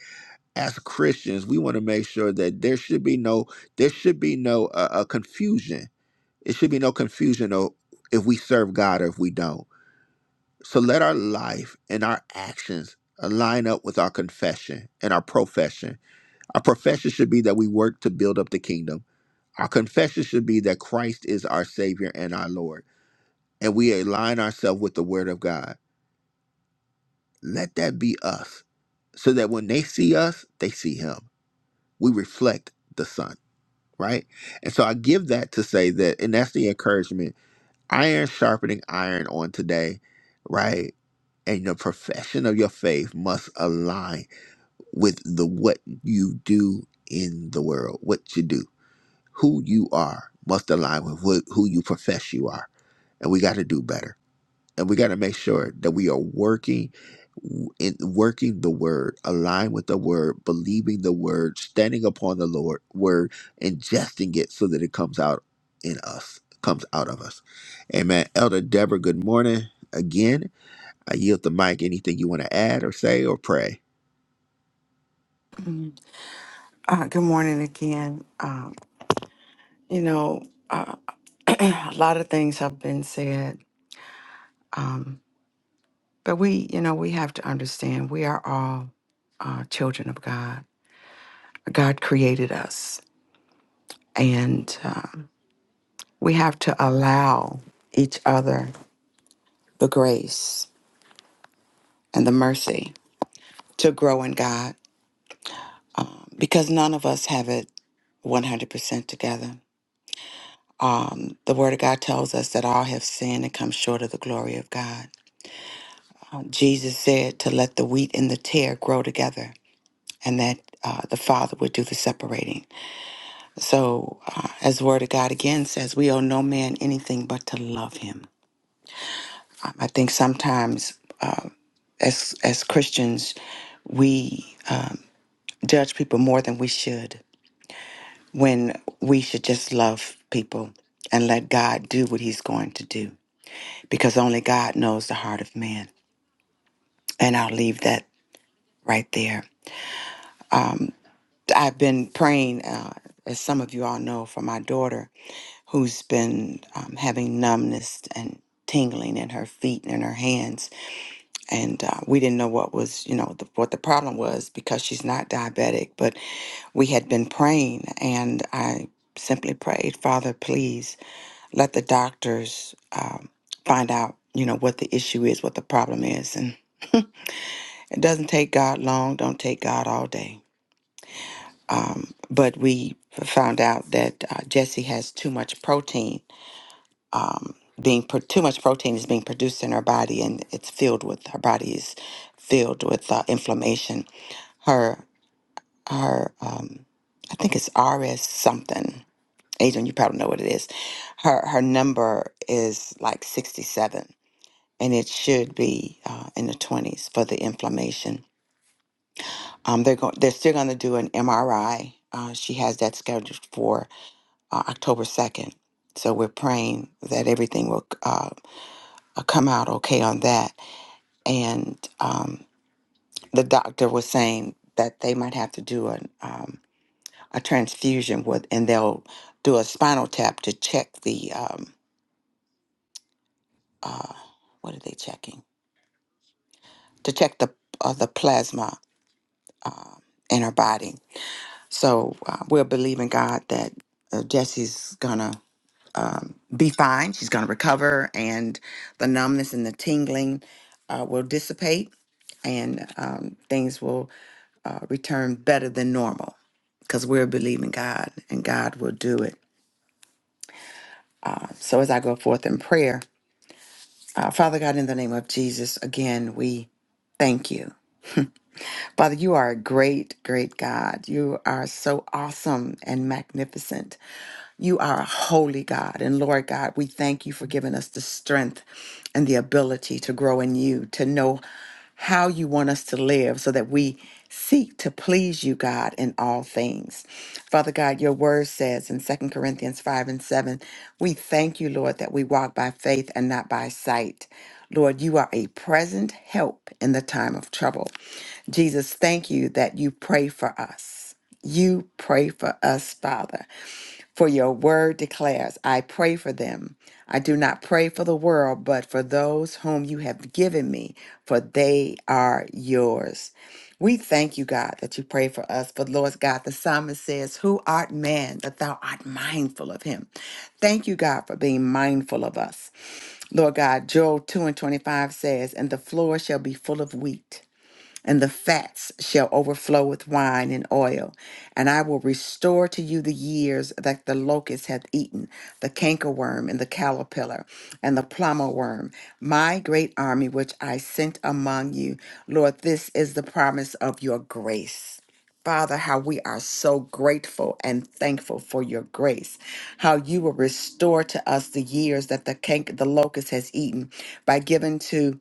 A: As Christians, we want to make sure that there should be no there should be no uh, uh, confusion it should be no confusion though if we serve God or if we don't. So let our life and our actions align up with our confession and our profession. Our profession should be that we work to build up the kingdom. Our confession should be that Christ is our Savior and our Lord, and we align ourselves with the Word of God. Let that be us, so that when they see us, they see Him. We reflect the Son, right? And so I give that to say that, and that's the encouragement iron sharpening iron on today, right? And your profession of your faith must align with the what you do in the world, what you do, who you are must align with what, who you profess you are. And we got to do better and we got to make sure that we are working in working the word align with the word believing the word standing upon the lord word ingesting it so that it comes out in us comes out of us amen elder deborah good morning again i yield the mic anything you want to add or say or pray
G: Uh, good morning again. Um, you know, a lot of things have been said, but we, you know, we have to understand we are all uh, children of God. God created us, and um, we have to allow each other the grace and the mercy to grow in God because none of us have it 100% together. Um, the Word of God tells us that all have sinned and come short of the glory of God. Uh, Jesus said to let the wheat and the tear grow together and that uh, the Father would do the separating. So, uh, as the Word of God again says, we owe no man anything but to love him. I think sometimes, as as Christians, we judge people more than we should when we should just love people and let God do what He's going to do, because only God knows the heart of man. And I'll leave that right there. I've been praying, uh, as some of you all know, for my daughter who's been um, having numbness and tingling in her feet and in her hands and uh, we didn't know what was you know the, what the problem was because she's not diabetic but we had been praying and i simply prayed father please let the doctors um, find out you know what the issue is what the problem is and it doesn't take god long don't take god all day um, but we found out that uh, jesse has too much protein um, being pro- too much protein is being produced in her body and it's filled with her body is filled with uh, inflammation her her um I think it's RS something. Adrian, you probably know what it is. Her her number is like 67 and it should be uh, in the 20s for the inflammation. Um they're going they're still going to do an MRI. Uh, she has that scheduled for uh, October 2nd. So we're praying that everything will uh, uh, come out okay on that. And um, the doctor was saying that they might have to do an um, a transfusion with, and they'll do a spinal tap to check the um, uh, what are they checking? To check the uh, the plasma uh, in her body. So uh, we're believing God that uh, Jesse's gonna um, be fine. She's gonna recover, and the numbness and the tingling uh, will dissipate, and um, things will uh, return better than normal because we're believing God, and God will do it. So as I go forth in prayer. Uh, Father God, in the name of Jesus, again, we thank you. Father, you are a great, great God. You are so awesome and magnificent. You are a holy God. And Lord God, we thank you for giving us the strength and the ability to grow in you, to know how you want us to live so that we seek to please you, God, in all things. Father God, your word says in Second Corinthians 5 and 7, we thank you, Lord, that we walk by faith and not by sight. Lord, you are a present help in the time of trouble. Jesus, thank you that you pray for us. You pray for us, Father. For your word declares, I pray for them. I do not pray for the world, but for those whom you have given me, for they are yours. We thank you, God, that you pray for us. For Lord God, the psalmist says, Who art man that thou art mindful of him? Thank you, God, for being mindful of us. Lord God, Joel 2 and 25 says, And the floor shall be full of wheat and the fats shall overflow with wine and oil. And I will restore to you the years that the locust hath eaten, the cankerworm and the caterpillar and the plumber worm, my great army which I sent among you. Lord, this is the promise of your grace. Father, how we are so grateful and thankful for your grace, how you will restore to us the years that the cank, the locust has eaten by giving to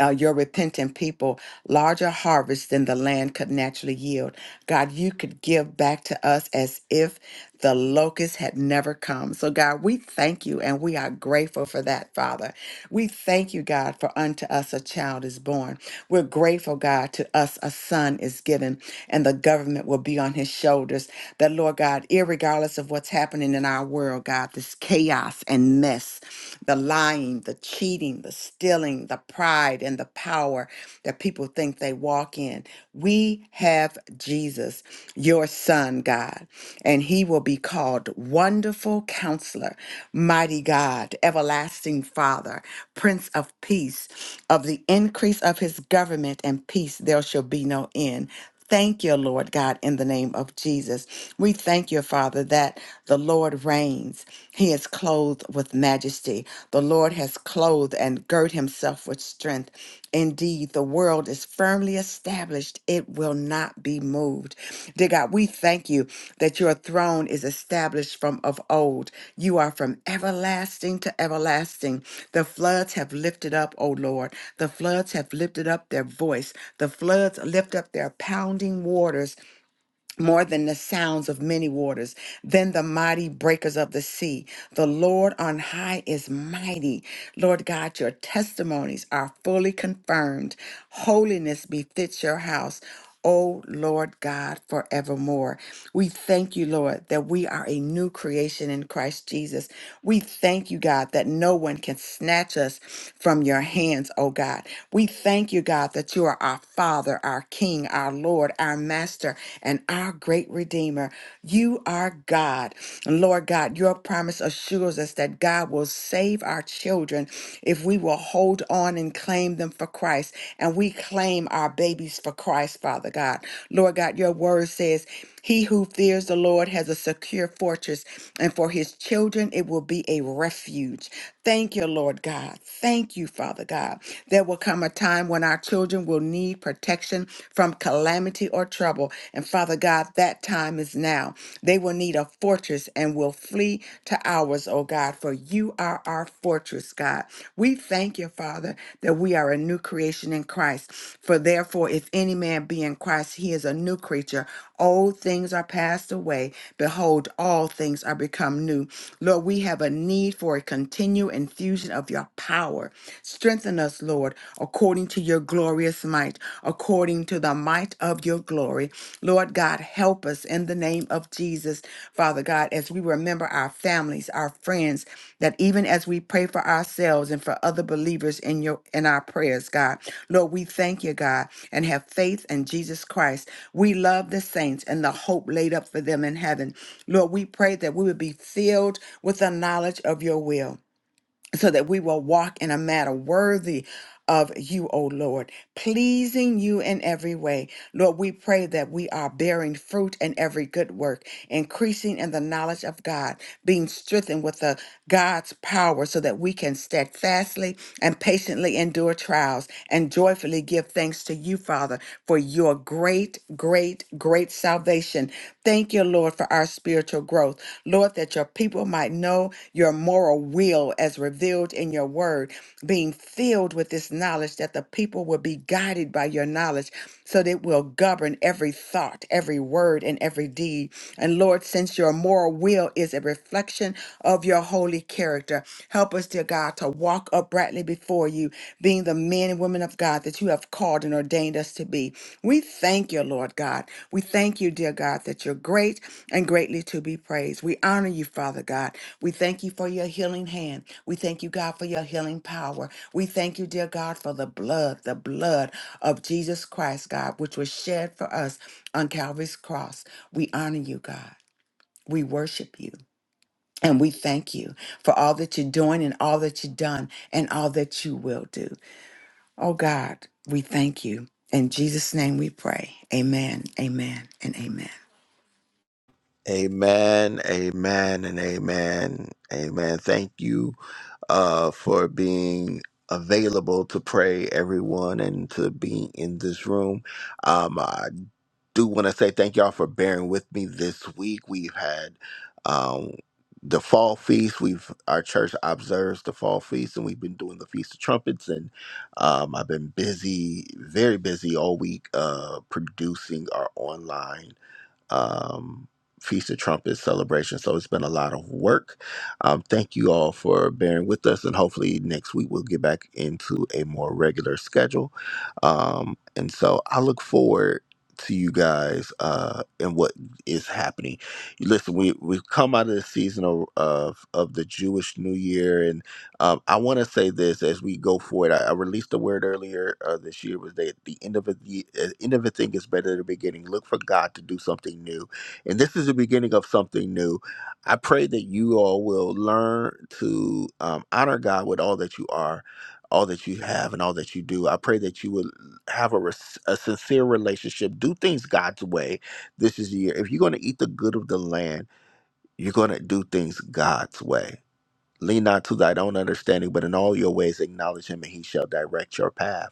G: uh, your repentant people larger harvest than the land could naturally yield. God, you could give back to us as if the locust had never come. So, God, we thank you and we are grateful for that, Father. We thank you, God, for unto us a child is born. We're grateful, God, to us a son is given and the government will be on his shoulders. That, Lord God, irregardless of what's happening in our world, God, this chaos and mess, the lying, the cheating, the stealing, the pride, and the power that people people think they walk in. We have Jesus, your son, God, and he will be called Wonderful Counselor, Mighty God, Everlasting Father, Prince of Peace. Of the increase of his government and peace, there shall be no end. Thank you, Lord God, in the name of Jesus. We thank you, Father, that the Lord reigns. He is clothed with majesty. The Lord has clothed and girt himself with strength. Indeed, the world is firmly established, it will not be be moved. Dear God, we thank you that your throne is established from of old. You are from everlasting to everlasting. The floods have lifted up, O Lord. The floods have lifted up their voice. The floods lift up their pounding waters more than the sounds of many waters, than the mighty breakers of the sea. The Lord on high is mighty. Lord God, your testimonies are fully confirmed. Holiness befits your house. O Lord God, forevermore. We thank you, Lord, that we are a new creation in Christ Jesus. We thank you, God, that no one can snatch us from your hands, O God. We thank you, God, that you are our Father, our King, King, our Lord, our Master, and our great Redeemer. You are God. And Lord God, your promise assures us that God will save our children if we will hold on and claim them for Christ. And we claim our babies for Christ, Father God. Lord God, your word says, he who fears the Lord has a secure fortress, and for his children it will be a refuge. Thank you, Lord God. Thank you, Father God. There will come a time when our children will need protection from calamity or trouble. And Father God, that time is now. They will need a fortress and will flee to ours, oh God, for you are our fortress, God. God. We thank you, Father, that we are a new creation in Christ. For therefore, if any man be in Christ, he is a new creature. Old things are passed away. Behold, all things are become new. Lord, we have a need for a continual infusion of your power. Strengthen us, Lord, according to your glorious might, according to the might of your glory. Lord God, help us in the name of Jesus, Father God, as we remember our families, our friends, that even as we pray for ourselves and for other believers in your in our prayers, God. Lord, we thank you, God, and have faith in Jesus Christ. We love the saints and the hope laid up for them in heaven. Lord, we pray that we would be filled with the knowledge of your will so that we will walk in a manner worthy of you, O Lord, pleasing you in every way. Lord, we pray that we are bearing fruit in every good work, increasing in the knowledge of God, being strengthened with the God's power so that we can steadfastly and patiently endure trials and joyfully give thanks to you, Father, for your great, great, great salvation. Thank you, Lord, for our our spiritual growth. Lord, that your people might know your moral will as revealed in your word, being filled with this knowledge, that the people will be guided by your knowledge, so that it will govern every thought, every word, and every deed. And Lord, since your moral will is a reflection of your holy character, help us, dear God, to walk uprightly before you, being the men and women of God that you have called and ordained us to be. We thank you, Lord God. We thank you, dear God, that you're great and greatly to be praised. We honor you, Father God. We thank you for your healing hand. We thank you, God, for your healing power. We thank you, dear God, for the blood, the blood of Jesus Christ, God, which was shed for us on Calvary's cross. We honor you, God. We worship you. And we thank you for all that you're doing and all that you've done and all that you will do. Oh God, we thank you. In Jesus' name we pray. Amen, amen, and amen.
A: Amen, amen, and amen, amen. Thank you. uh, for being available to pray, everyone, and to be in this room. Um, I do want to say thank y'all for bearing with me this week. We've had um, the fall feast. We've our church observes the fall feast, and we've been doing the feast of trumpets. And um, I've been busy, very busy all week, uh, producing our online um, Feast of Trumpets celebration. So it's been a lot of work. Um, thank you all for bearing with us, and hopefully next week we'll get back into a more regular schedule. Um, and so I look forward to you guys uh, and what is happening. Listen, we we've come out of the season of of, of the Jewish New Year, and. Um, I want to say this as we go forward. I, I released a word earlier uh, this year was that the end of a, the uh, end of a thing is better than the beginning. Look for God to do something new, and this is the beginning of something new. I pray that you all will learn to um, honor God with all that you are. All that you have and all that you do, I pray that you would have a, res- a sincere relationship. Do things God's way. This is the year. If you're going to eat the good of the land, you're going to do things God's way Lean not to thine own understanding, but in all your ways acknowledge him, and he shall direct your path.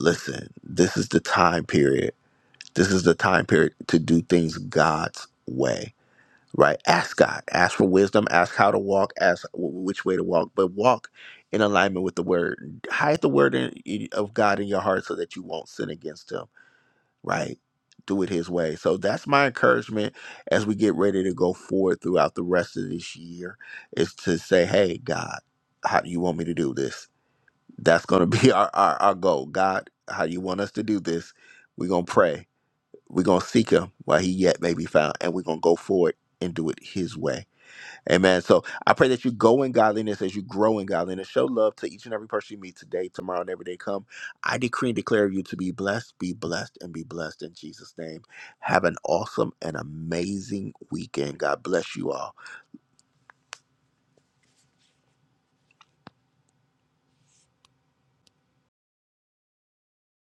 A: Listen, this is the time period. This is the time period to do things God's way, right? Ask God, ask for wisdom, ask how to walk, ask w- which way to walk, but walk in alignment with the word. Hide the word in, of God in your heart so that you won't sin against him right? Do it his way. So that's my encouragement as we get ready to go forward throughout the rest of this year is to say, hey, God, how do you want me to do this? That's going to be our, our, our goal. God, how do you want us to do this? We're going to pray. We're going to seek him while he yet may be found, and we're going to go forward and do it his way. Amen. So I pray that you go in godliness as you grow in godliness. Show love to each and every person you meet today, tomorrow, and every day come. I decree and declare you to be blessed, be blessed, and be blessed in Jesus' name. Have an awesome and amazing weekend. God bless you all.